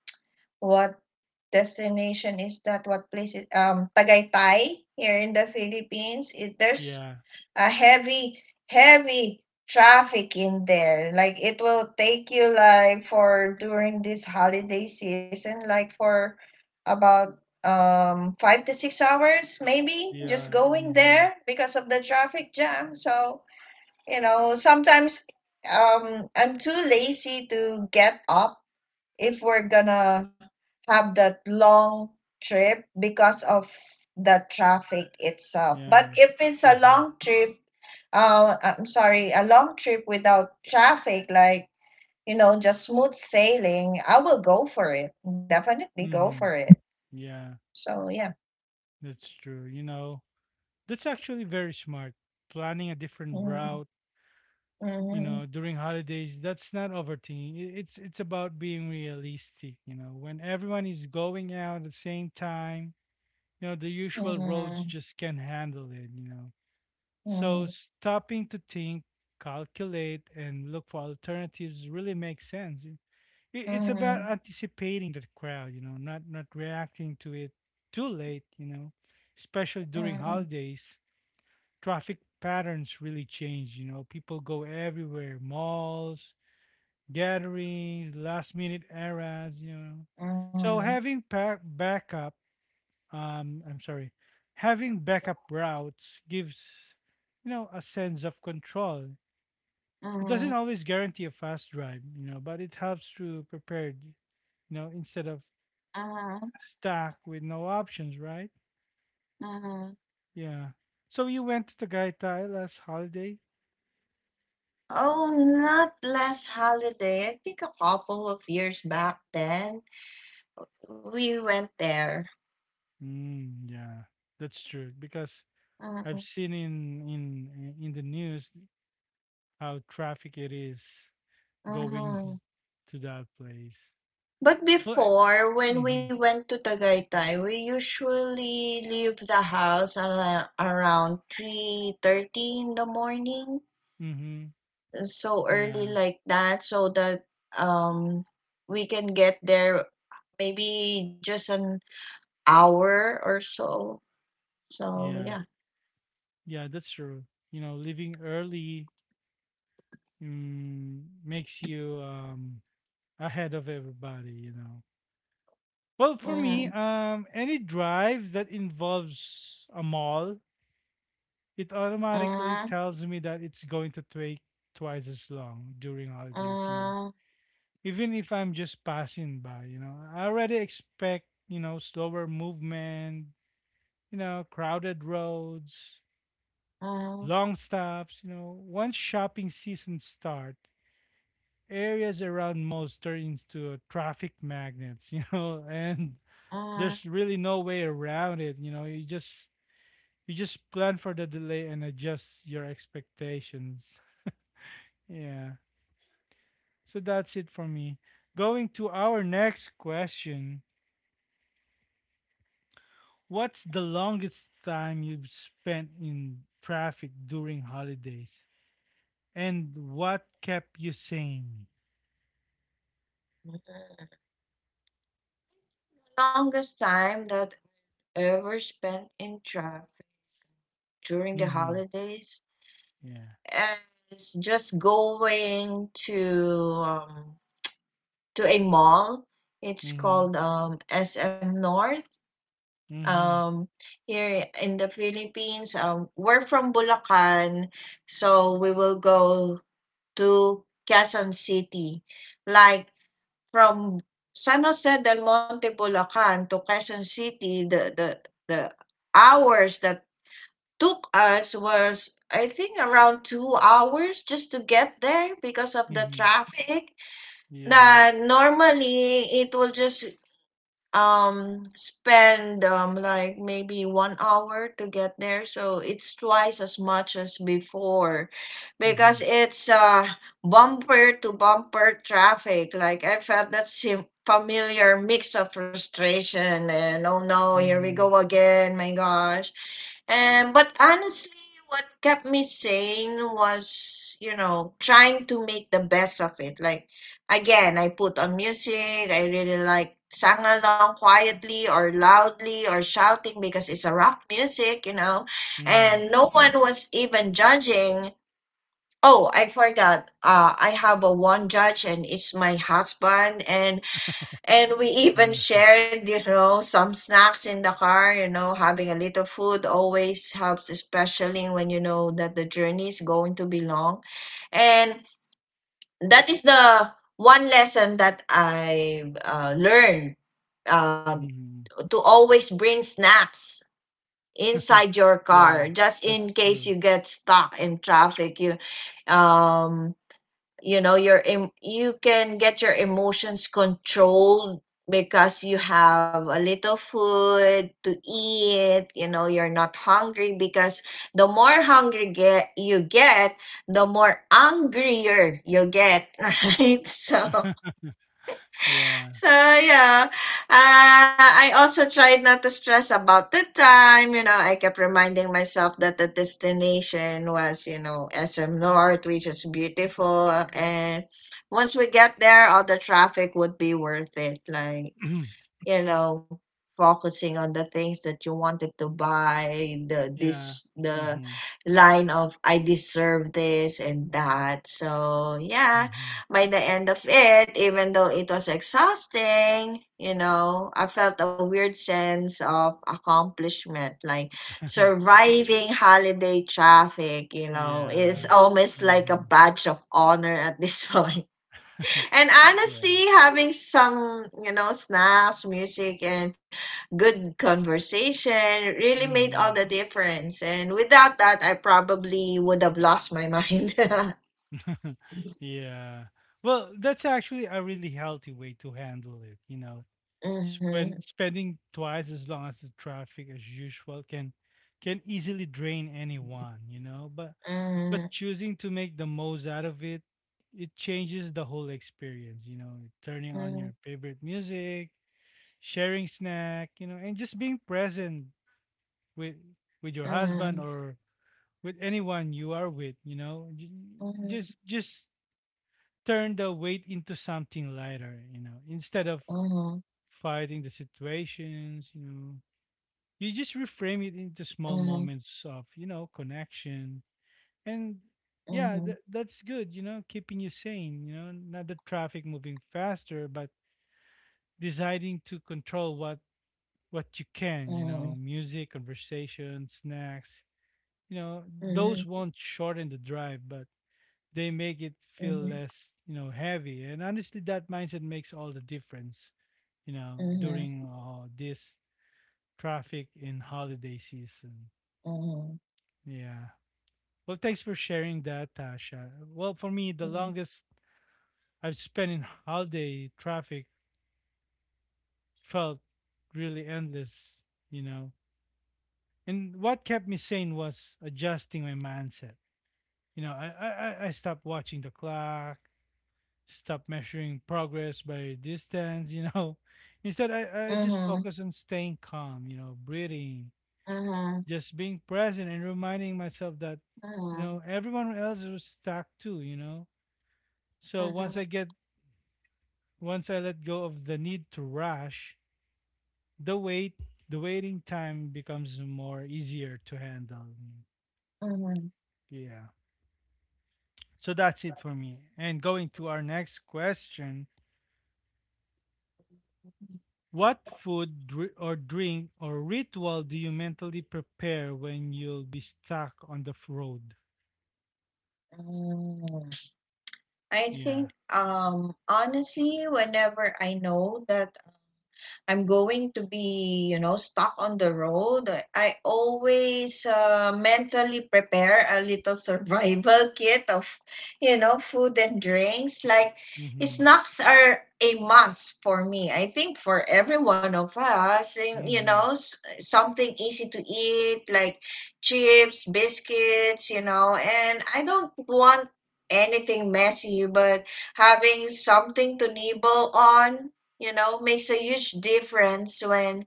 [SPEAKER 2] what destination is that? What place is Tagaytay here in the Philippines? It there's
[SPEAKER 1] Yeah.
[SPEAKER 2] a heavy, heavy traffic in there. Like it will take you like for during this holiday season, like for about 5 to 6 hours maybe just
[SPEAKER 1] Yeah.
[SPEAKER 2] going
[SPEAKER 1] Mhm.
[SPEAKER 2] there because of the traffic jam. So, sometimes I'm too lazy to get up if we're gonna have that long trip because of the traffic itself. But
[SPEAKER 1] Yeah.
[SPEAKER 2] if it's a
[SPEAKER 1] Mhm.
[SPEAKER 2] long trip, I'm sorry, a long trip without traffic, like, you know, just smooth sailing, I will go for it. Definitely go for
[SPEAKER 1] Mm-hmm.
[SPEAKER 2] it.
[SPEAKER 1] Yeah,
[SPEAKER 2] So, yeah.
[SPEAKER 1] that's true. You know, that's actually very smart. Planning a different
[SPEAKER 2] Mm,
[SPEAKER 1] route, you know,
[SPEAKER 2] mhm,
[SPEAKER 1] during holidays, that's not overthinking. It's about being realistic, you know. When everyone is going out at the same time, you know, the usual roads
[SPEAKER 2] mhm,
[SPEAKER 1] just can't handle it, you know. So
[SPEAKER 2] mhm,
[SPEAKER 1] stopping to think, calculate, and look for alternatives really makes sense. It's about
[SPEAKER 2] mhm,
[SPEAKER 1] anticipating that crowd, you know, not reacting to it too late, you know. Especially during
[SPEAKER 2] mhm,
[SPEAKER 1] holidays, traffic patterns really change, you know. People go everywhere: malls, gatherings, last minute errands, you know. So
[SPEAKER 2] mhm,
[SPEAKER 1] having pack backup, I'm sorry, having backup routes gives, you know, a sense of control. It doesn't
[SPEAKER 2] mhm,
[SPEAKER 1] always guarantee a fast drive, you know, but it helps to prepare, you know, instead of
[SPEAKER 2] mhm,
[SPEAKER 1] stuck with no options, right?
[SPEAKER 2] mhm.
[SPEAKER 1] Yeah. So you went to Tagaytay last holiday?
[SPEAKER 2] Oh, not last holiday. I think a couple of years back then, we went there.
[SPEAKER 1] Mm, yeah, that's true. Because
[SPEAKER 2] Mm-hmm.
[SPEAKER 1] I've seen in the news how traffic it is going to that place.
[SPEAKER 2] But
[SPEAKER 1] Well,
[SPEAKER 2] before, when we
[SPEAKER 1] mm-hmm,
[SPEAKER 2] went to Tagaytay, we usually leave the house around 3:30 in the morning,
[SPEAKER 1] mm-hmm,
[SPEAKER 2] so
[SPEAKER 1] yeah,
[SPEAKER 2] early like that, so that um we can get there maybe just an hour or so. So
[SPEAKER 1] yeah,
[SPEAKER 2] yeah.
[SPEAKER 1] yeah. That's true. You know, leaving early makes you ahead of everybody. You know, well, for me,
[SPEAKER 2] Mm-hmm.
[SPEAKER 1] any drive that involves a mall, it automatically
[SPEAKER 2] Mm-hmm.
[SPEAKER 1] tells me that it's going to take twice as long during holidays, you know.
[SPEAKER 2] Mm-hmm.
[SPEAKER 1] Even if I'm just passing by, you know, I already expect, you know, slower movement, you know, crowded roads,
[SPEAKER 2] Mm,
[SPEAKER 1] long stops, you know. Once shopping season start, areas around malls turn into traffic magnets, you know, and
[SPEAKER 2] mm,
[SPEAKER 1] there's really no way around it. You know, you just plan for the delay and adjust your expectations. Yeah. So that's it for me. Going to our next question. What's the longest time you've spent in traffic during holidays? And what kept you sane?
[SPEAKER 2] mm. The longest time that I ever spent in traffic during the
[SPEAKER 1] Mm-hmm.
[SPEAKER 2] holidays
[SPEAKER 1] Yeah.
[SPEAKER 2] is just going um, to a mall. It's
[SPEAKER 1] Mm-hmm.
[SPEAKER 2] called SM North.
[SPEAKER 1] Mm-hmm.
[SPEAKER 2] Um, here in the Philippines, we're from Bulacan, so we will go to Quezon City. Like from San Jose del Monte, Bulacan to Quezon City, the hours that took us was, I think, around 2 hours just to get there because of the
[SPEAKER 1] Mm-hmm.
[SPEAKER 2] traffic.
[SPEAKER 1] Yeah.
[SPEAKER 2] That normally it will just spend like maybe 1 hour to get there, so it's twice as much as before because
[SPEAKER 1] Mm-hmm.
[SPEAKER 2] it's bumper to bumper traffic. Like I felt that familiar mix of frustration and oh no, here we
[SPEAKER 1] Mm-hmm.
[SPEAKER 2] go again, my gosh. And but honestly, what kept me sane was, you know, trying to make the best of it. Like again, I put on music. I really like sang along quietly or loudly or shouting because it's a rock music, you know,
[SPEAKER 1] Mm-hmm.
[SPEAKER 2] and no one was even judging. Oh, I forgot. I have a one judge, and it's my husband, and we
[SPEAKER 1] Yeah.
[SPEAKER 2] even shared, you know, some snacks in the car. You know, having a little food always helps, especially when you know that the journey is going to be long, and that is the one lesson that I learned uh,
[SPEAKER 1] Mm-hmm.
[SPEAKER 2] to always bring snacks inside your
[SPEAKER 1] Yeah.
[SPEAKER 2] car just
[SPEAKER 1] That's
[SPEAKER 2] in case
[SPEAKER 1] true.
[SPEAKER 2] you get stuck in traffic um you know your you can get your emotions controlled because you have a little food to eat, you know, you're not hungry because the more hungry get you get, the more angrier you get right. So
[SPEAKER 1] Yeah.
[SPEAKER 2] so yeah, I also tried not to stress about the time. You know, I kept reminding myself that the destination was, you know, SM North, which is beautiful, and once we get there, all the traffic would be worth it. Like, you know, focusing on the things that you wanted to buy, the
[SPEAKER 1] Yeah.
[SPEAKER 2] this the
[SPEAKER 1] Mm-hmm.
[SPEAKER 2] line of I deserve this and that. So yeah,
[SPEAKER 1] Mhm.
[SPEAKER 2] by the end of it, even though it was exhausting, you know, I felt a weird sense of accomplishment, like surviving holiday traffic, you know, it's
[SPEAKER 1] Yeah.
[SPEAKER 2] almost like a
[SPEAKER 1] Mhm.
[SPEAKER 2] badge of honor at this point. And
[SPEAKER 1] Yeah.
[SPEAKER 2] honestly, having some, you know, snacks, music, and good conversation really made all the
[SPEAKER 1] Mhm.
[SPEAKER 2] difference. And without that, I probably would have lost my mind.
[SPEAKER 1] Yeah. Well, that's actually a really healthy way to handle it, you know.
[SPEAKER 2] Mhm,
[SPEAKER 1] Spending twice as long as the traffic as usual can easily drain anyone, you know. But
[SPEAKER 2] mhm,
[SPEAKER 1] choosing to make the most out of it, it changes the whole experience, you know. Turning on
[SPEAKER 2] mhm,
[SPEAKER 1] your favorite music, sharing snack, you know, and just being present with with your husband or with anyone you are with, you know,
[SPEAKER 2] mhm,
[SPEAKER 1] just turn the weight into something lighter, you know, instead of
[SPEAKER 2] mhm,
[SPEAKER 1] fighting the situations, you know. You just reframe it into small moments of, you know, connection, and
[SPEAKER 2] mhm,
[SPEAKER 1] yeah,
[SPEAKER 2] mhm,
[SPEAKER 1] that's good, you know, keeping you sane, you know, not the traffic moving faster, but deciding to control what you can, you
[SPEAKER 2] mhm,
[SPEAKER 1] know. Music, conversation, snacks, you know, those won't shorten the drive, but they make it
[SPEAKER 2] mhm,
[SPEAKER 1] feel
[SPEAKER 2] mhm, mhm,
[SPEAKER 1] less, you know, heavy. And honestly, that mindset makes all the difference, you know,
[SPEAKER 2] mhm,
[SPEAKER 1] during this traffic in holiday season. Yeah. Well, thanks for sharing that, Tasha. Well, for me, the longest I've spent in holiday traffic felt really endless, you know. And what kept me sane was adjusting my mindset. You know, I stopped watching the clock. Stop measuring progress by distance, you know. Instead, I
[SPEAKER 2] mhm,
[SPEAKER 1] just
[SPEAKER 2] mhm, mhm,
[SPEAKER 1] focus on staying calm, you know, breathing, just being present and reminding myself that, you know, everyone else is stuck too, you know. So
[SPEAKER 2] mhm, mhm,
[SPEAKER 1] once I let go of the need to rush, the wait, the waiting time becomes more easier to handle.
[SPEAKER 2] mhm, mhm,
[SPEAKER 1] Yeah. So that's it for me. And going to our next question. What food or drink or ritual do you mentally prepare when you'll be stuck on the road?
[SPEAKER 2] mhm. I
[SPEAKER 1] Yeah.
[SPEAKER 2] think, honestly, whenever I know that I'm going to be, you know, stuck on the road, I always mentally prepare a little survival kit of, you know, food and drinks. Like,
[SPEAKER 1] Mhm.
[SPEAKER 2] snacks are a must for me. I think for every one of us, and, you
[SPEAKER 1] Mhm.
[SPEAKER 2] know, something easy to eat, like chips, biscuits, you know, and I don't want anything messy, but having something to nibble on, you know, makes a huge difference when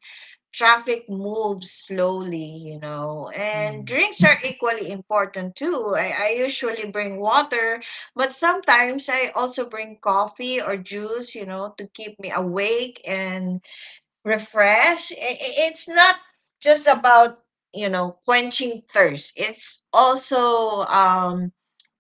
[SPEAKER 2] traffic moves slowly, you know. And
[SPEAKER 1] Mhm.
[SPEAKER 2] drinks are equally important too. I usually bring water, but sometimes I also bring coffee or juice, you know, to keep me awake and refresh. It's not just about, you know, quenching thirst. It's also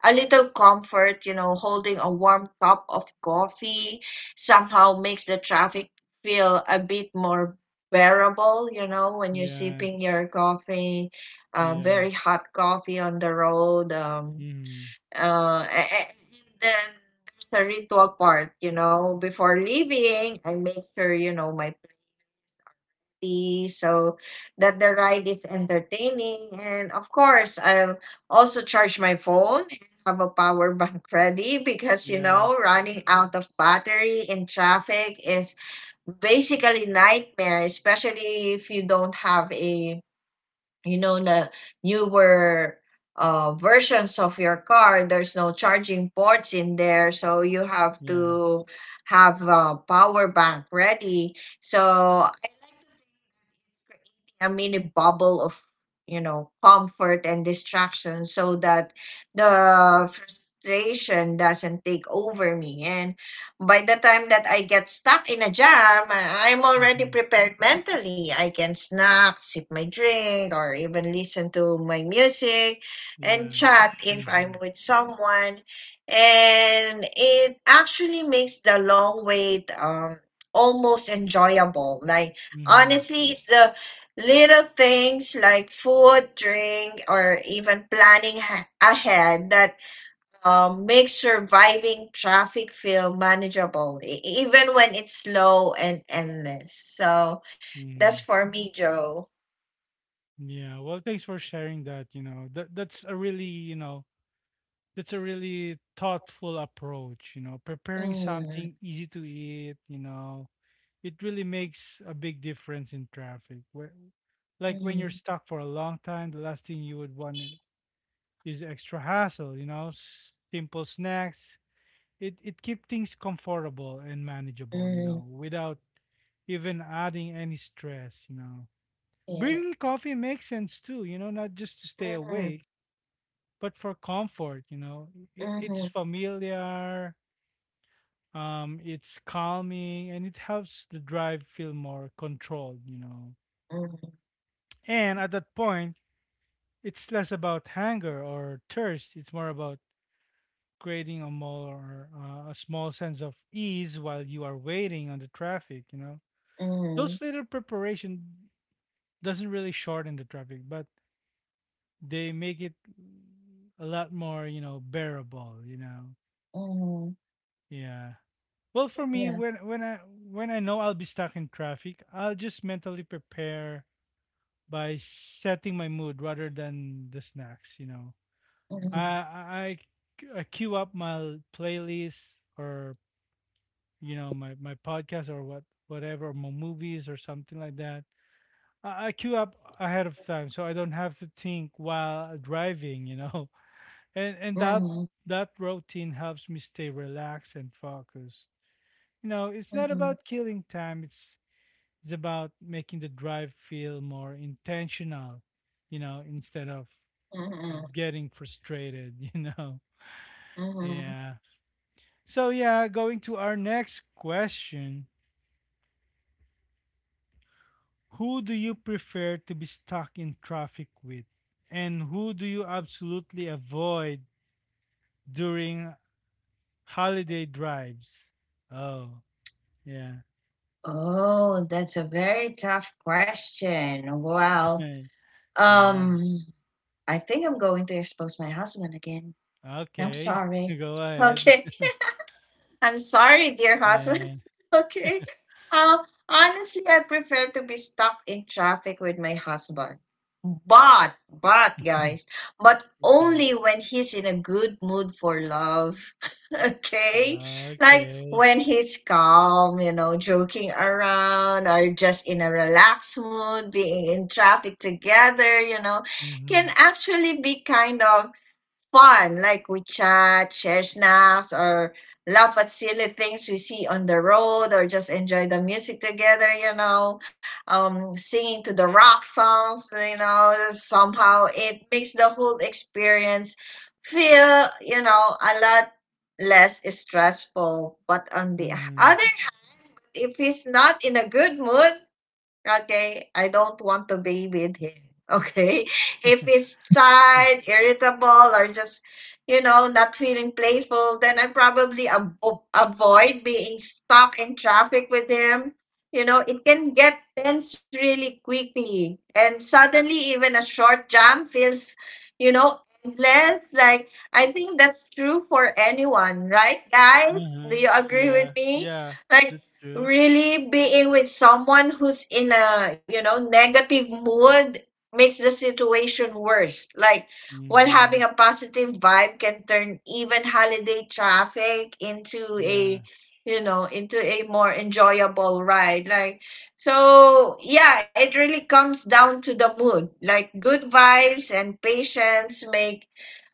[SPEAKER 2] a little comfort, you know, holding a warm cup of coffee somehow makes the traffic feel a bit more bearable, you know, when you're
[SPEAKER 1] Yeah.
[SPEAKER 2] sipping your coffee,
[SPEAKER 1] Yeah.
[SPEAKER 2] very hot coffee on the road. Um,
[SPEAKER 1] Mhm.
[SPEAKER 2] uh, a- a- and then there's the ritual part, you know, before leaving, I make sure, you know, my be so that the ride is entertaining. And of course, I'll also charge my phone and have a power bank ready because, you
[SPEAKER 1] Yeah.
[SPEAKER 2] know, running out of battery in traffic is basically nightmare, especially if you don't have a, you know, the newer versions of your car. There's no charging ports in there, so you have
[SPEAKER 1] Yeah.
[SPEAKER 2] to have a power bank ready. So creating a mini bubble of, you know, comfort and distraction so that the frustration doesn't take over me, and by the time that I get stuck in a jam, I'm already
[SPEAKER 1] Mhm.
[SPEAKER 2] prepared mentally. I can snack, sip my drink, or even listen to my music and
[SPEAKER 1] Yeah.
[SPEAKER 2] chat if I'm
[SPEAKER 1] Mhm.
[SPEAKER 2] with someone. And it actually makes the long wait almost enjoyable. Like
[SPEAKER 1] Mhm.
[SPEAKER 2] honestly, it's the little things like food, drink, or even planning ahead that make surviving traffic feel manageable, even when it's slow and endless. So that's
[SPEAKER 1] Mhm.
[SPEAKER 2] for me, Joe.
[SPEAKER 1] Yeah. Well, thanks for sharing that, you know. That's a really, you know, that's a really thoughtful approach, you know, preparing
[SPEAKER 2] Mm,
[SPEAKER 1] something easy to eat, you know. It really makes a big difference in traffic. Where, like when you're
[SPEAKER 2] mm,
[SPEAKER 1] stuck for a long time, the last thing you would want is extra hassle. You know, simple snacks. It keep things comfortable and manageable. You
[SPEAKER 2] mm,
[SPEAKER 1] know, without even adding any stress. You know, bringing coffee makes sense too. You know, not just to stay awake, but for comfort. You know, it's familiar. It's calming and it helps the drive feel more controlled, you know.
[SPEAKER 2] yeah. Mhm,
[SPEAKER 1] And at that point, it's less about hunger or thirst. It's more about creating a small sense of ease while you are waiting on the traffic. You know,
[SPEAKER 2] mhm, mhm,
[SPEAKER 1] those
[SPEAKER 2] mhm,
[SPEAKER 1] little preparation doesn't really shorten the traffic, but they make it a lot more, you know, bearable. You know,
[SPEAKER 2] mhm,
[SPEAKER 1] yeah. Well, for me,
[SPEAKER 2] yeah,
[SPEAKER 1] when I know I'll be stuck in traffic, I'll just mentally prepare by setting my mood rather than the snacks. You know, I
[SPEAKER 2] mhm,
[SPEAKER 1] I I queue up my playlist, or, you know, my podcast, or whatever, my movies or something like that. I queue up ahead of time so I don't have to think while driving. You know, and that
[SPEAKER 2] mhm,
[SPEAKER 1] that routine helps me stay relaxed and focused. You know, it's not
[SPEAKER 2] mhm,
[SPEAKER 1] about killing time. It's about making the drive feel more intentional. You know, instead of
[SPEAKER 2] mhm,
[SPEAKER 1] getting frustrated. You know,
[SPEAKER 2] mhm.
[SPEAKER 1] yeah. So yeah, going to our next question. Who do you prefer to be stuck in traffic with? And who do you absolutely avoid during holiday drives? Oh, yeah.
[SPEAKER 2] Oh, that's a very tough question. Well,
[SPEAKER 1] Yeah.
[SPEAKER 2] Um, I think I'm going to expose my husband again. I'm
[SPEAKER 1] Okay.
[SPEAKER 2] sorry.
[SPEAKER 1] Go ahead.
[SPEAKER 2] Okay. I'm sorry, dear husband.
[SPEAKER 1] Yeah.
[SPEAKER 2] Okay. Uh, honestly, I prefer to be stuck in traffic with my husband. But, but, guys, but
[SPEAKER 1] Okay.
[SPEAKER 2] only when he's in a good mood for love. Okay? Like
[SPEAKER 1] Okay.
[SPEAKER 2] when he's calm, you know, joking around or just in a relaxed mood, being in traffic together, you know, can
[SPEAKER 1] Mhm.
[SPEAKER 2] actually be kind of fun, like we chat, share snacks, or laugh at silly things we see on the road, or just enjoy the music together, you know, singing to the rock songs, you know, somehow it makes the whole experience feel, you know, a lot less stressful. But on the
[SPEAKER 1] Mhm.
[SPEAKER 2] other hand, if he's not in a good mood, okay, I don't want to be with him. Okay, if he's tired, irritable, or just, you know, not feeling playful, then I probably avoid being stuck in traffic with him. You know, it can get tense really quickly. And suddenly, even a short jam feels, you know, endless. Like, I think that's true for anyone, right, guys? Do
[SPEAKER 1] Uh-huh.
[SPEAKER 2] you agree
[SPEAKER 1] Yeah.
[SPEAKER 2] with me?
[SPEAKER 1] Yeah.
[SPEAKER 2] Like,
[SPEAKER 1] That's true.
[SPEAKER 2] really being with someone who's in a, you know, negative mood makes the situation worse. Like, while
[SPEAKER 1] Mhm.
[SPEAKER 2] having a positive vibe can turn even holiday traffic into
[SPEAKER 1] Yeah.
[SPEAKER 2] a, you know, into a more enjoyable ride. Like, so yeah, it really comes down to the mood. Like, good vibes and patience make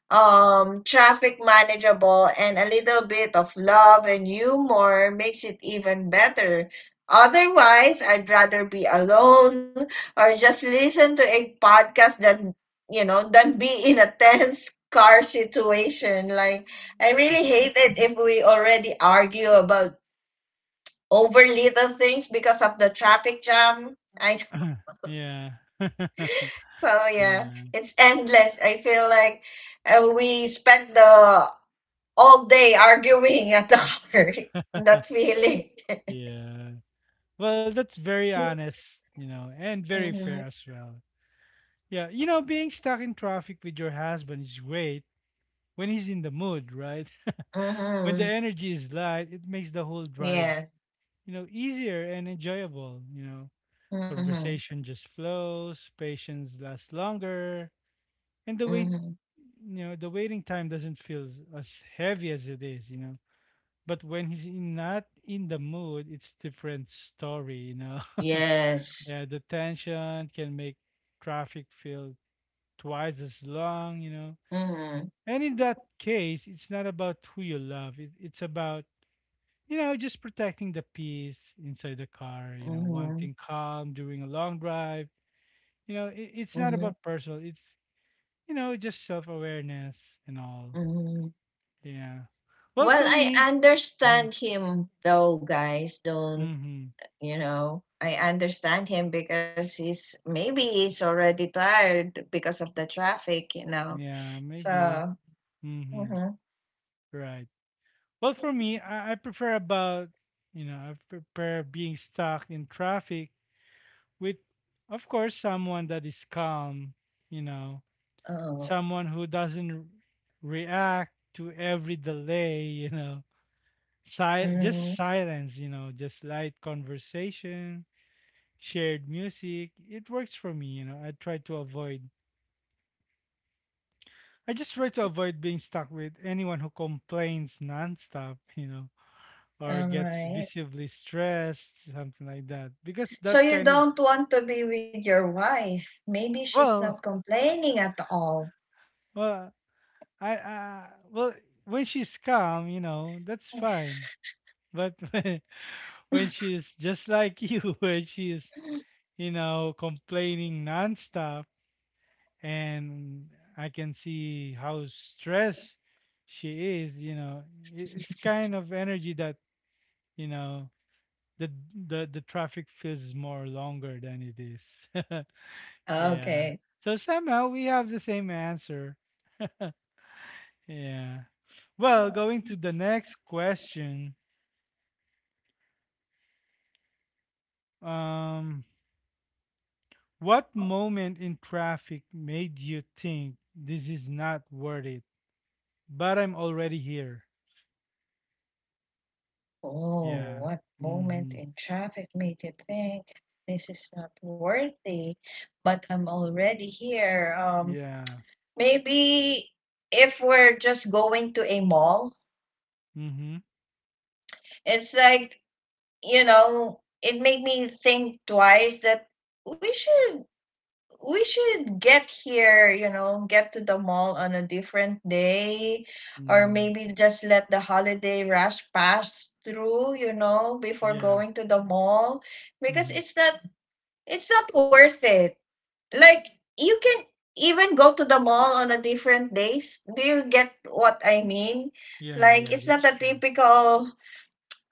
[SPEAKER 2] traffic manageable, and a little bit of love and humor makes it even better. Otherwise, I'd rather be alone or just listen to a podcast than, you know, than be in a tense car situation. Like I really hate it if we already argue about over little things because of the traffic jam. I
[SPEAKER 1] Yeah.
[SPEAKER 2] so yeah,
[SPEAKER 1] Yeah.
[SPEAKER 2] it's endless. I feel like we spent the all day arguing at the car. That feeling.
[SPEAKER 1] Yeah. Well, that's very honest, you know, and very
[SPEAKER 2] Mm-hmm.
[SPEAKER 1] fair as well. Yeah, you know, being stuck in traffic with your husband is great when he's in the mood, right? When the
[SPEAKER 2] Mm-hmm.
[SPEAKER 1] energy is light, it makes the whole drive,
[SPEAKER 2] Yeah.
[SPEAKER 1] you know, easier and enjoyable, you know.
[SPEAKER 2] Mm-hmm.
[SPEAKER 1] Conversation just flows, patience lasts longer, and the wait,
[SPEAKER 2] Mm-hmm.
[SPEAKER 1] you know, the waiting time doesn't feel as heavy as it is, you know. But when he's in, not in the mood, it's different story, you know.
[SPEAKER 2] Yes.
[SPEAKER 1] Yeah, the tension can make traffic feel twice as long, you know.
[SPEAKER 2] Mm-hmm.
[SPEAKER 1] And in that case, it's not about who you love. It's about, you know, just protecting the peace inside the car, you know,
[SPEAKER 2] Mm-hmm.
[SPEAKER 1] wanting calm during a long drive. You know, it's not
[SPEAKER 2] Mm-hmm.
[SPEAKER 1] about personal. It's, you know, just self-awareness and all.
[SPEAKER 2] Mm-hmm.
[SPEAKER 1] Yeah. Well,
[SPEAKER 2] Well,
[SPEAKER 1] for me,
[SPEAKER 2] I
[SPEAKER 1] mm-hmm,
[SPEAKER 2] understand him though, guys. Don't
[SPEAKER 1] mm-hmm,
[SPEAKER 2] you know? I understand him because he's maybe he's already tired because of the traffic, you know.
[SPEAKER 1] yeah, maybe.
[SPEAKER 2] So,
[SPEAKER 1] Mm-hmm,
[SPEAKER 2] mm-hmm.
[SPEAKER 1] right. Well, for me, I prefer about you know I prefer being stuck in traffic with, of course, someone that is calm. You know,
[SPEAKER 2] Oh,
[SPEAKER 1] someone who doesn't react to every delay. You know, just
[SPEAKER 2] mm-hmm.
[SPEAKER 1] silence. You know, just light conversation, shared music. It works for me. You know, I try to avoid. I just try to avoid being stuck with anyone who complains nonstop. You know or
[SPEAKER 2] All
[SPEAKER 1] gets
[SPEAKER 2] right.
[SPEAKER 1] visibly stressed, something like that. Because
[SPEAKER 2] So
[SPEAKER 1] that
[SPEAKER 2] you
[SPEAKER 1] kind of
[SPEAKER 2] don't want to be with your wife. Maybe she's not
[SPEAKER 1] well,
[SPEAKER 2] complaining at all.
[SPEAKER 1] well, I, I well, when she's calm, you know, that's fine. But when she's just like you, when she's you know complaining nonstop, and I can see how stressed she is, you know, it's kind of energy that you know the the traffic feels more longer than it is. Yeah.
[SPEAKER 2] Okay.
[SPEAKER 1] So somehow we have the same answer. Yeah. Well, going to the next question. Um, what moment in traffic made you think this is not worth it? But I'm already here.
[SPEAKER 2] Oh,
[SPEAKER 1] Yeah.
[SPEAKER 2] what moment
[SPEAKER 1] Mm-hmm.
[SPEAKER 2] in traffic made you think this is not worthy, but I'm already here.
[SPEAKER 1] Yeah.
[SPEAKER 2] Maybe if we're just going to a mall,
[SPEAKER 1] Mm-hmm.
[SPEAKER 2] it's like, you know, it made me think twice that we should we should get here, you know, get to the mall on a different day, or
[SPEAKER 1] Mm.
[SPEAKER 2] maybe just let the holiday rush pass through, you know, before
[SPEAKER 1] Yeah.
[SPEAKER 2] going to the mall, because
[SPEAKER 1] Mm-hmm.
[SPEAKER 2] it's not worth it. Like you can even go to the mall on a different days. Do you get what I mean?
[SPEAKER 1] Yeah.
[SPEAKER 2] Like
[SPEAKER 1] Yeah.
[SPEAKER 2] it's
[SPEAKER 1] That's
[SPEAKER 2] not a
[SPEAKER 1] true.
[SPEAKER 2] typical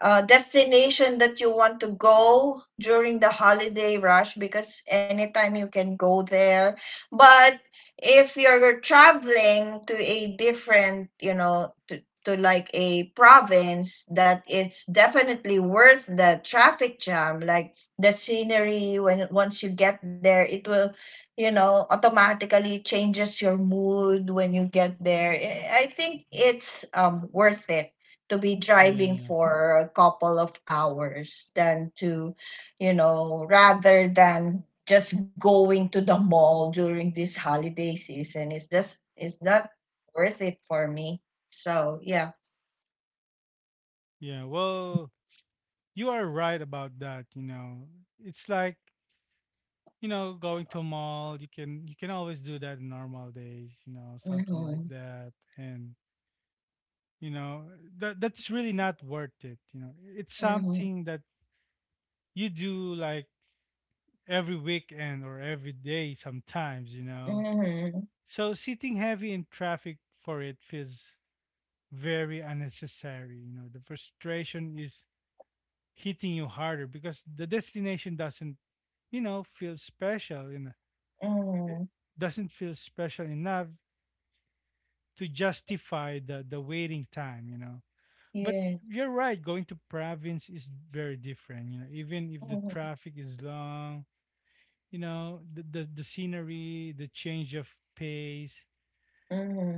[SPEAKER 2] destination that you want to go during the holiday rush because anytime you can go there. But if you're traveling to a different, you know, to like a province, that it's definitely worth the traffic jam. Like the scenery, when once you get there, it will, you know, automatically changes your mood when you get there. I think it's worth it to be driving
[SPEAKER 1] Yeah.
[SPEAKER 2] for a couple of hours than to, you know, rather than just going to the mall during this holiday season. It's just, it's not worth it for me. So, yeah.
[SPEAKER 1] Yeah. Well, you are right about that. You know, it's like you know, going to a mall, you can always do that in normal days, you know, something like
[SPEAKER 2] Mm-hmm.
[SPEAKER 1] that. And you know, that that's really not worth it. You know, it's
[SPEAKER 2] Mm-hmm.
[SPEAKER 1] something that you do like every weekend or every day sometimes, you know.
[SPEAKER 2] Mm-hmm.
[SPEAKER 1] So sitting heavy in traffic for it feels very unnecessary. You know, the frustration is hitting you harder because the destination doesn't, you know, feel special, you know,
[SPEAKER 2] Mm-hmm.
[SPEAKER 1] doesn't feel special enough to justify the waiting time, you know. But
[SPEAKER 2] Yeah.
[SPEAKER 1] you're right, going to province is very different, you know. Even if the
[SPEAKER 2] Mm-hmm.
[SPEAKER 1] traffic is long, you know, the scenery, the change of pace,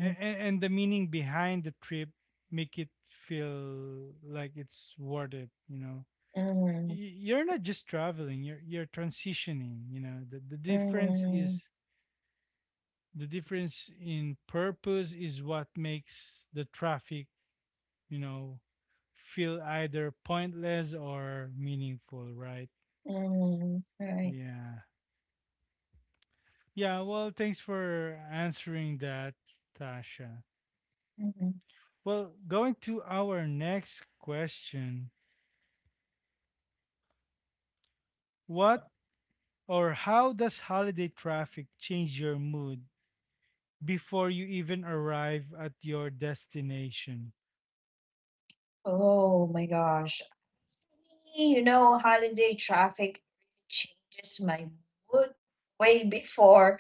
[SPEAKER 1] and, and the meaning behind the trip make it feel like it's worth it, you know.
[SPEAKER 2] Mm-hmm.
[SPEAKER 1] You're not just traveling, you're transitioning, you know. The difference
[SPEAKER 2] Mm-hmm.
[SPEAKER 1] is the difference in purpose is what makes the traffic, you know, feel either pointless or meaningful, right?
[SPEAKER 2] Mm-hmm. Right.
[SPEAKER 1] Yeah. Yeah, well, thanks for answering that, Tasha.
[SPEAKER 2] Mm-hmm.
[SPEAKER 1] Well, going to our next question. What or how does holiday traffic change your mood before you even arrive at your destination?
[SPEAKER 2] Oh my gosh. You know, holiday traffic really changes my mood way before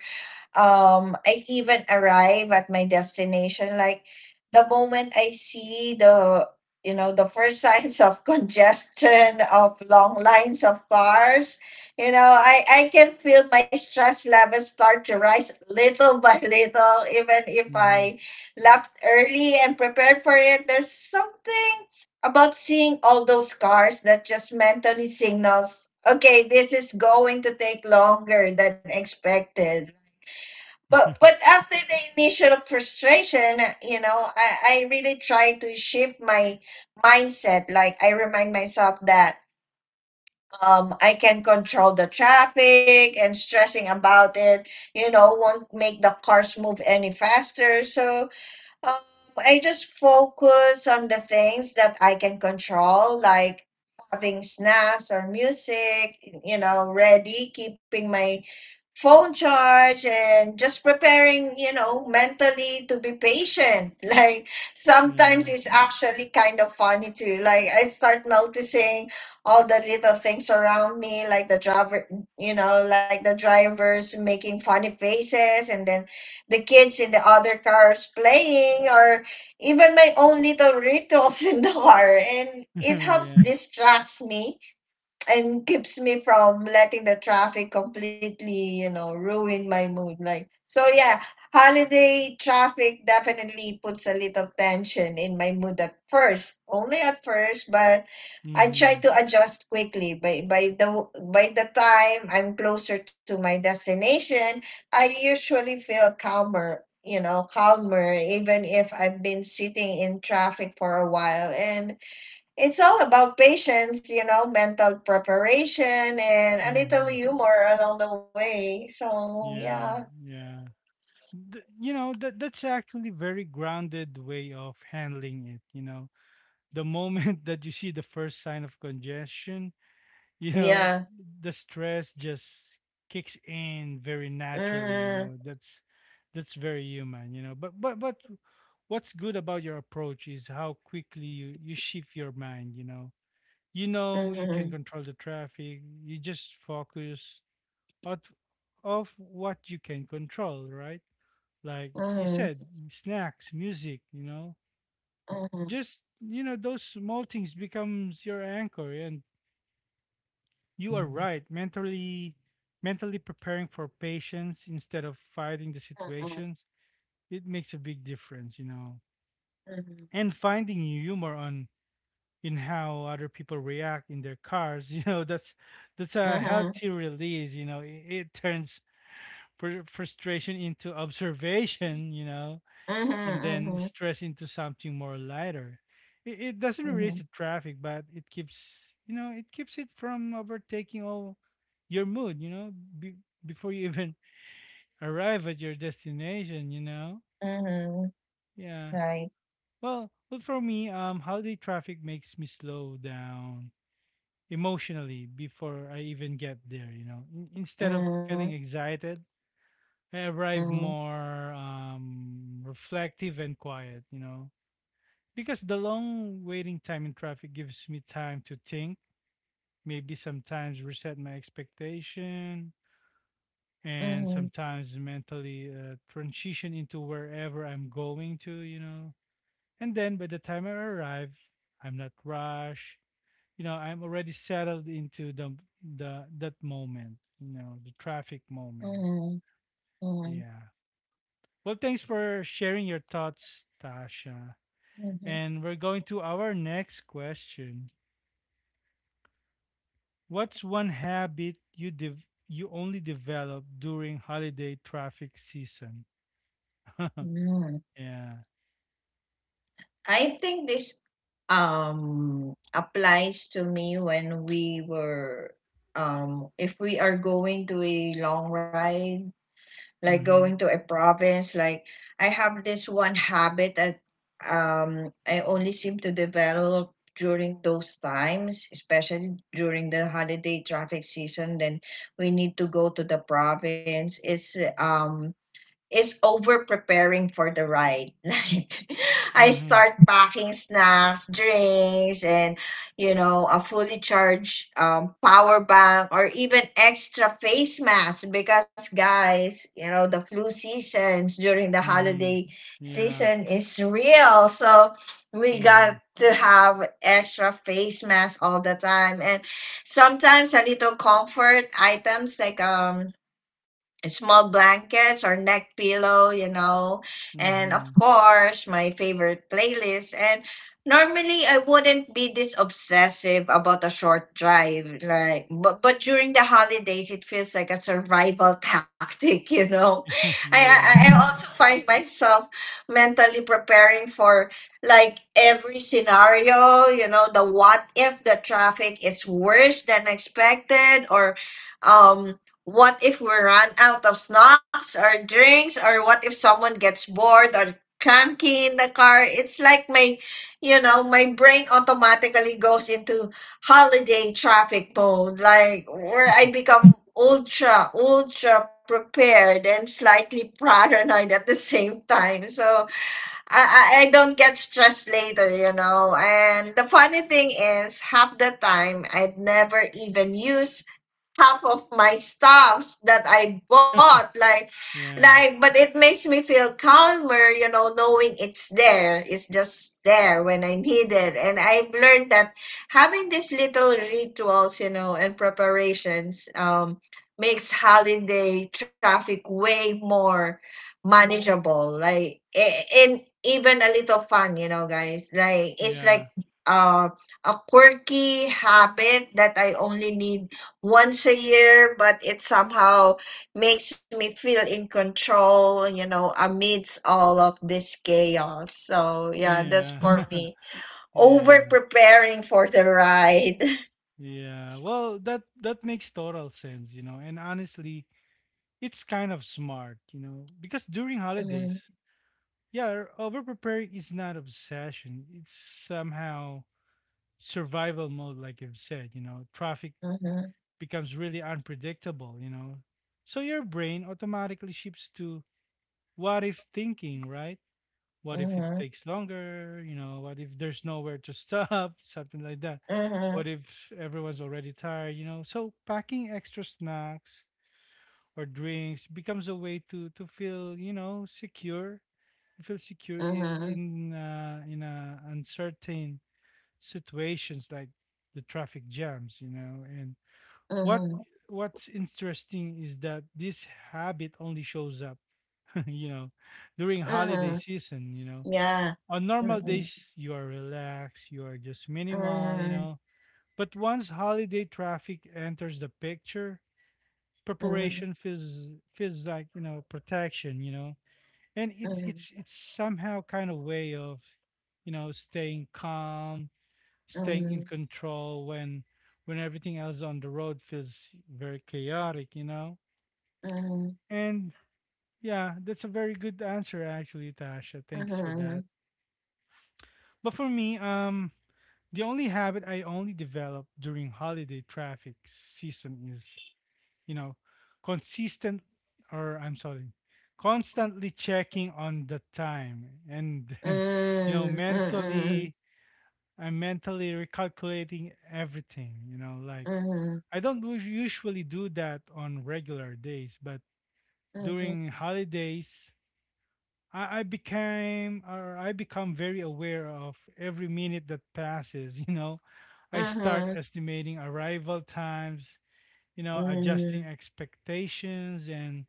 [SPEAKER 2] I even arrive at my destination, like the moment I see the, you know, the first signs of congestion, of long lines of cars. You know, I can feel my stress levels start to rise little by little, even if
[SPEAKER 1] Hmm.
[SPEAKER 2] I left early and prepared for it. There's something about seeing all those cars that just mentally signals, okay, this is going to take longer than expected. But after the initial frustration, you know, I really try to shift my mindset. Like, I remind myself that I can control the traffic and stressing about it, you know, won't make the cars move any faster. So um, I just focus on the things that I can control, like having snacks or music, you know, ready, keeping my phone charge and just preparing, you know, mentally to be patient. Like sometimes
[SPEAKER 1] Yeah.
[SPEAKER 2] it's actually kind of funny too. Like I start noticing all the little things around me, like the driver, you know, like the drivers making funny faces, and then the kids in the other cars playing, or even my own little rituals in the car, and it helps
[SPEAKER 1] Yeah.
[SPEAKER 2] distracts me and keeps me from letting the traffic completely, you know, ruin my mood. Like, so yeah, holiday traffic definitely puts a little tension in my mood at first, only at first, but I try
[SPEAKER 1] Hmm.
[SPEAKER 2] to adjust quickly. By the time I'm closer to my destination, I usually feel calmer, you know, calmer, even if I've been sitting in traffic for a while. And it's all about patience, you know, mental preparation and a little
[SPEAKER 1] Hmm.
[SPEAKER 2] humor along the way. So yeah,
[SPEAKER 1] Yeah. Yeah. You know that that's actually very grounded way of handling it, you know. The moment that you see the first sign of congestion, you know,
[SPEAKER 2] yeah.
[SPEAKER 1] the stress just kicks in very naturally, you
[SPEAKER 2] Mhm.
[SPEAKER 1] know. That's very human, you know, but what's good about your approach is how quickly you shift your mind, you know. You know, you can
[SPEAKER 2] Mhm.
[SPEAKER 1] control the traffic, you just focus out of what you can control, right? Like you
[SPEAKER 2] Mhm.
[SPEAKER 1] said, snacks, music, you know,
[SPEAKER 2] Mhm.
[SPEAKER 1] just, you know, those small things becomes your anchor. And you are right. Mentally, mentally preparing for patience instead of fighting the
[SPEAKER 2] Mhm.
[SPEAKER 1] situations, it makes a big difference, you know.
[SPEAKER 2] Mhm.
[SPEAKER 1] And finding humor on in how other people react in their cars, you know, that's a
[SPEAKER 2] Mhm.
[SPEAKER 1] healthy release, you know. It turns frustration into observation, you know, and
[SPEAKER 2] Mhm.
[SPEAKER 1] then stress into something more lighter. It doesn't
[SPEAKER 2] Mhm.
[SPEAKER 1] erase the traffic, but it keeps, you know, it keeps it from overtaking all your mood, you know, be, before you even arrive at your destination, you know?
[SPEAKER 2] Mhm.
[SPEAKER 1] Yeah.
[SPEAKER 2] Right.
[SPEAKER 1] Well, well, for me, holiday traffic makes me slow down emotionally before I even get there, you know, in, instead of
[SPEAKER 2] Mhm.
[SPEAKER 1] feeling excited, I arrive
[SPEAKER 2] Mhm.
[SPEAKER 1] more reflective and quiet, you know, because the long waiting time in traffic gives me time to think, maybe sometimes reset my expectation, and
[SPEAKER 2] Mhm.
[SPEAKER 1] sometimes mentally transition into wherever I'm going to, you know. And then by the time I arrive, I'm not rushed, you know, I'm already settled into the that moment, you know, the traffic moment.
[SPEAKER 2] Mhm. Mhm.
[SPEAKER 1] Yeah. Well, thanks for sharing your thoughts, Tasha.
[SPEAKER 2] Mhm.
[SPEAKER 1] And we're going to our next question. What's one habit you you only develop during holiday traffic season?
[SPEAKER 2] Mhm.
[SPEAKER 1] Yeah.
[SPEAKER 2] I think this applies to me when we were if we are going to a long ride, like going
[SPEAKER 1] Mhm.
[SPEAKER 2] to a province. Like, I have this one habit that I only seem to develop during those times, especially during the holiday traffic season, then we need to go to the province. It's is over preparing for the ride. Like, I
[SPEAKER 1] Mhm.
[SPEAKER 2] start packing snacks, drinks, and, you know, a fully charged power bank, or even extra face masks, because guys, you know, the flu seasons during the
[SPEAKER 1] Mhm.
[SPEAKER 2] holiday
[SPEAKER 1] Yeah.
[SPEAKER 2] season is real. So we got
[SPEAKER 1] Mhm.
[SPEAKER 2] to have extra face masks all the time, and sometimes a little comfort items like small blankets or neck pillow, you know, and of
[SPEAKER 1] Mhm.
[SPEAKER 2] course, my favorite playlist. And normally, I wouldn't be this obsessive about a short drive, like, but during the holidays, it feels like a survival tactic, you know. I,
[SPEAKER 1] Yeah.
[SPEAKER 2] I, I also find myself mentally preparing for like every scenario, you know, the what if the traffic is worse than expected, or um what if we run out of snacks or drinks, or what if someone gets bored or cranky in the car? It's like my, you know, my brain automatically goes into holiday traffic mode, like where I become ultra, ultra prepared and slightly paranoid at the same time. So I don't get stressed later, you know. And the funny thing is, half the time I've never even used half of my stuffs that I bought.
[SPEAKER 1] Yeah.
[SPEAKER 2] Like, but it makes me feel calmer, you know, knowing it's there. It's just there when I need it. And I've learned that having these little rituals, you know, and preparations, makes holiday traffic way more manageable. Like, a- and even a little fun, you know, guys. Like, it's
[SPEAKER 1] Yeah.
[SPEAKER 2] like uh, a quirky habit that I only need once a year, but it somehow makes me feel in control, you know, amidst all of this chaos. So, yeah, that's
[SPEAKER 1] Yeah.
[SPEAKER 2] for me. Over
[SPEAKER 1] Yeah.
[SPEAKER 2] preparing for the ride.
[SPEAKER 1] Yeah. Well, that that makes total sense, you know. And honestly, it's kind of smart, you know, because during
[SPEAKER 2] Mhm,
[SPEAKER 1] holidays, yeah, over preparing is not obsession. It's somehow survival mode, like you've said. You know, traffic
[SPEAKER 2] mhm,
[SPEAKER 1] becomes really unpredictable, you know. So your brain automatically shifts to what if thinking, right? What if it
[SPEAKER 2] mhm,
[SPEAKER 1] takes longer? You know, what if there's nowhere to stop? Something like that.
[SPEAKER 2] mhm,
[SPEAKER 1] What if everyone's already tired? You know, so packing extra snacks or drinks becomes a way to feel, you know, secure. I feel secure in
[SPEAKER 2] mhm,
[SPEAKER 1] in uncertain situations like the traffic jams, you know. And
[SPEAKER 2] mhm,
[SPEAKER 1] what
[SPEAKER 2] mhm.
[SPEAKER 1] what's interesting is that this habit only shows up, you know, during holiday season. You know,
[SPEAKER 2] Yeah.
[SPEAKER 1] on normal
[SPEAKER 2] Mhm,
[SPEAKER 1] days you are relaxed, you are just minimal, you
[SPEAKER 2] mhm,
[SPEAKER 1] know. But once holiday traffic enters the picture,
[SPEAKER 2] mhm,
[SPEAKER 1] preparation feels feels like you know protection, you know, and
[SPEAKER 2] mhm,
[SPEAKER 1] it's
[SPEAKER 2] mhm,
[SPEAKER 1] it's it's somehow kind of way of, you know, staying calm, staying in
[SPEAKER 2] mhm,
[SPEAKER 1] control when everything else on the road feels very chaotic, you know.
[SPEAKER 2] mhm,
[SPEAKER 1] And yeah, that's a very good answer actually, Tasha, thanks for
[SPEAKER 2] mhm,
[SPEAKER 1] that. But for me, um, the only habit I only developed during holiday traffic season is, you know, consistent, or I'm sorry, constantly checking on the time and you know, mentally I'm mentally recalculating everything, you know, like
[SPEAKER 2] mhm,
[SPEAKER 1] I don't usually do that on regular days, but
[SPEAKER 2] mhm, mhm,
[SPEAKER 1] during holidays I became, or I become very aware of every minute that passes, you know. I start
[SPEAKER 2] mhm.
[SPEAKER 1] estimating arrival times, you know, adjusting
[SPEAKER 2] Mhm.
[SPEAKER 1] expectations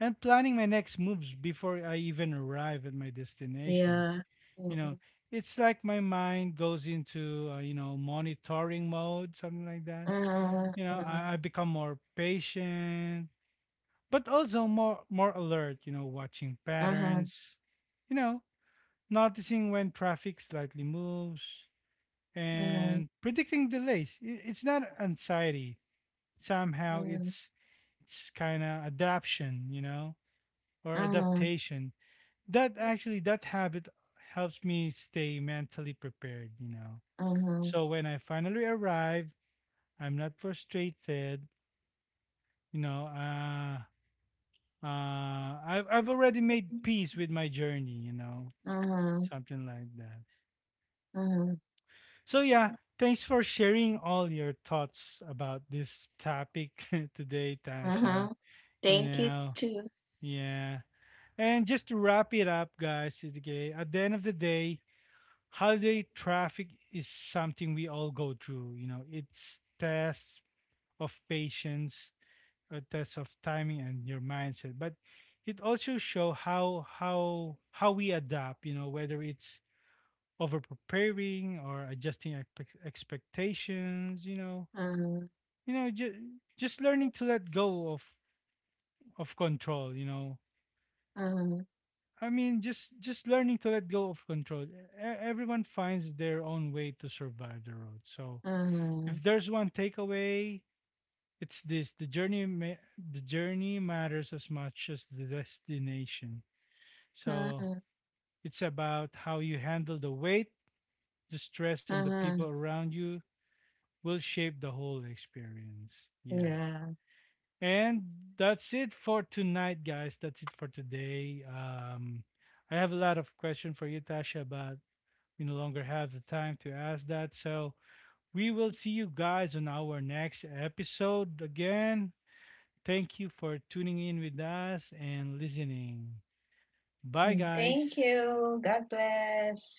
[SPEAKER 1] and planning my next moves before I even arrive at my destination.
[SPEAKER 2] Yeah.
[SPEAKER 1] You
[SPEAKER 2] Mm,
[SPEAKER 1] know, it's like my mind goes into you know monitoring mode, something like that.
[SPEAKER 2] mm.
[SPEAKER 1] You know, I
[SPEAKER 2] Uh-huh.
[SPEAKER 1] become more patient, but also more alert. You know, watching
[SPEAKER 2] Uh-huh.
[SPEAKER 1] patterns. You know, noticing when traffic slightly moves
[SPEAKER 2] Uh-huh.
[SPEAKER 1] and predicting delays. It's not anxiety, somehow it's kind of adaption, you know, or
[SPEAKER 2] Uh-huh. Uh-huh.
[SPEAKER 1] adaptation. That actually that habit helps me stay mentally prepared, you know. So when I finally arrive, I'm not frustrated, you know. I've already made peace with my journey, you know,
[SPEAKER 2] Uh-huh.
[SPEAKER 1] something like that.
[SPEAKER 2] Uh-huh.
[SPEAKER 1] So yeah, thanks for sharing all your thoughts about this topic today,
[SPEAKER 2] Uh-huh.
[SPEAKER 1] Tasha. You
[SPEAKER 2] Thank you
[SPEAKER 1] know,
[SPEAKER 2] too.
[SPEAKER 1] yeah. And just to wrap it up, guys, okay, at the end of the day, holiday traffic is something we all go through. You know, it's tests of patience, a test of timing and your mindset. But it also show how we adapt. You know, whether it's over preparing or adjusting expectations.
[SPEAKER 2] Uh-huh.
[SPEAKER 1] You know, just learning to let go of control. You know,
[SPEAKER 2] Uh-huh.
[SPEAKER 1] I mean, just learning to let go of control. Everyone finds their own way to survive the road. So,
[SPEAKER 2] Uh-huh.
[SPEAKER 1] if there's one takeaway, it's this: the journey, the journey matters as much as the destination. So,
[SPEAKER 2] Uh-huh.
[SPEAKER 1] it's about how you handle the weight, the stress, and the people
[SPEAKER 2] Uh-huh.
[SPEAKER 1] around you will shape the whole experience. Yeah,
[SPEAKER 2] Yeah.
[SPEAKER 1] and that's it for tonight, guys. That's it for today. I have a lot of questions for you, Tasha, but we no longer have the time to ask that. So we will see you guys on our next episode again. Thank you for tuning in with us and listening.
[SPEAKER 2] Mm.
[SPEAKER 1] Bye,
[SPEAKER 2] Thank
[SPEAKER 1] guys.
[SPEAKER 2] you. God bless.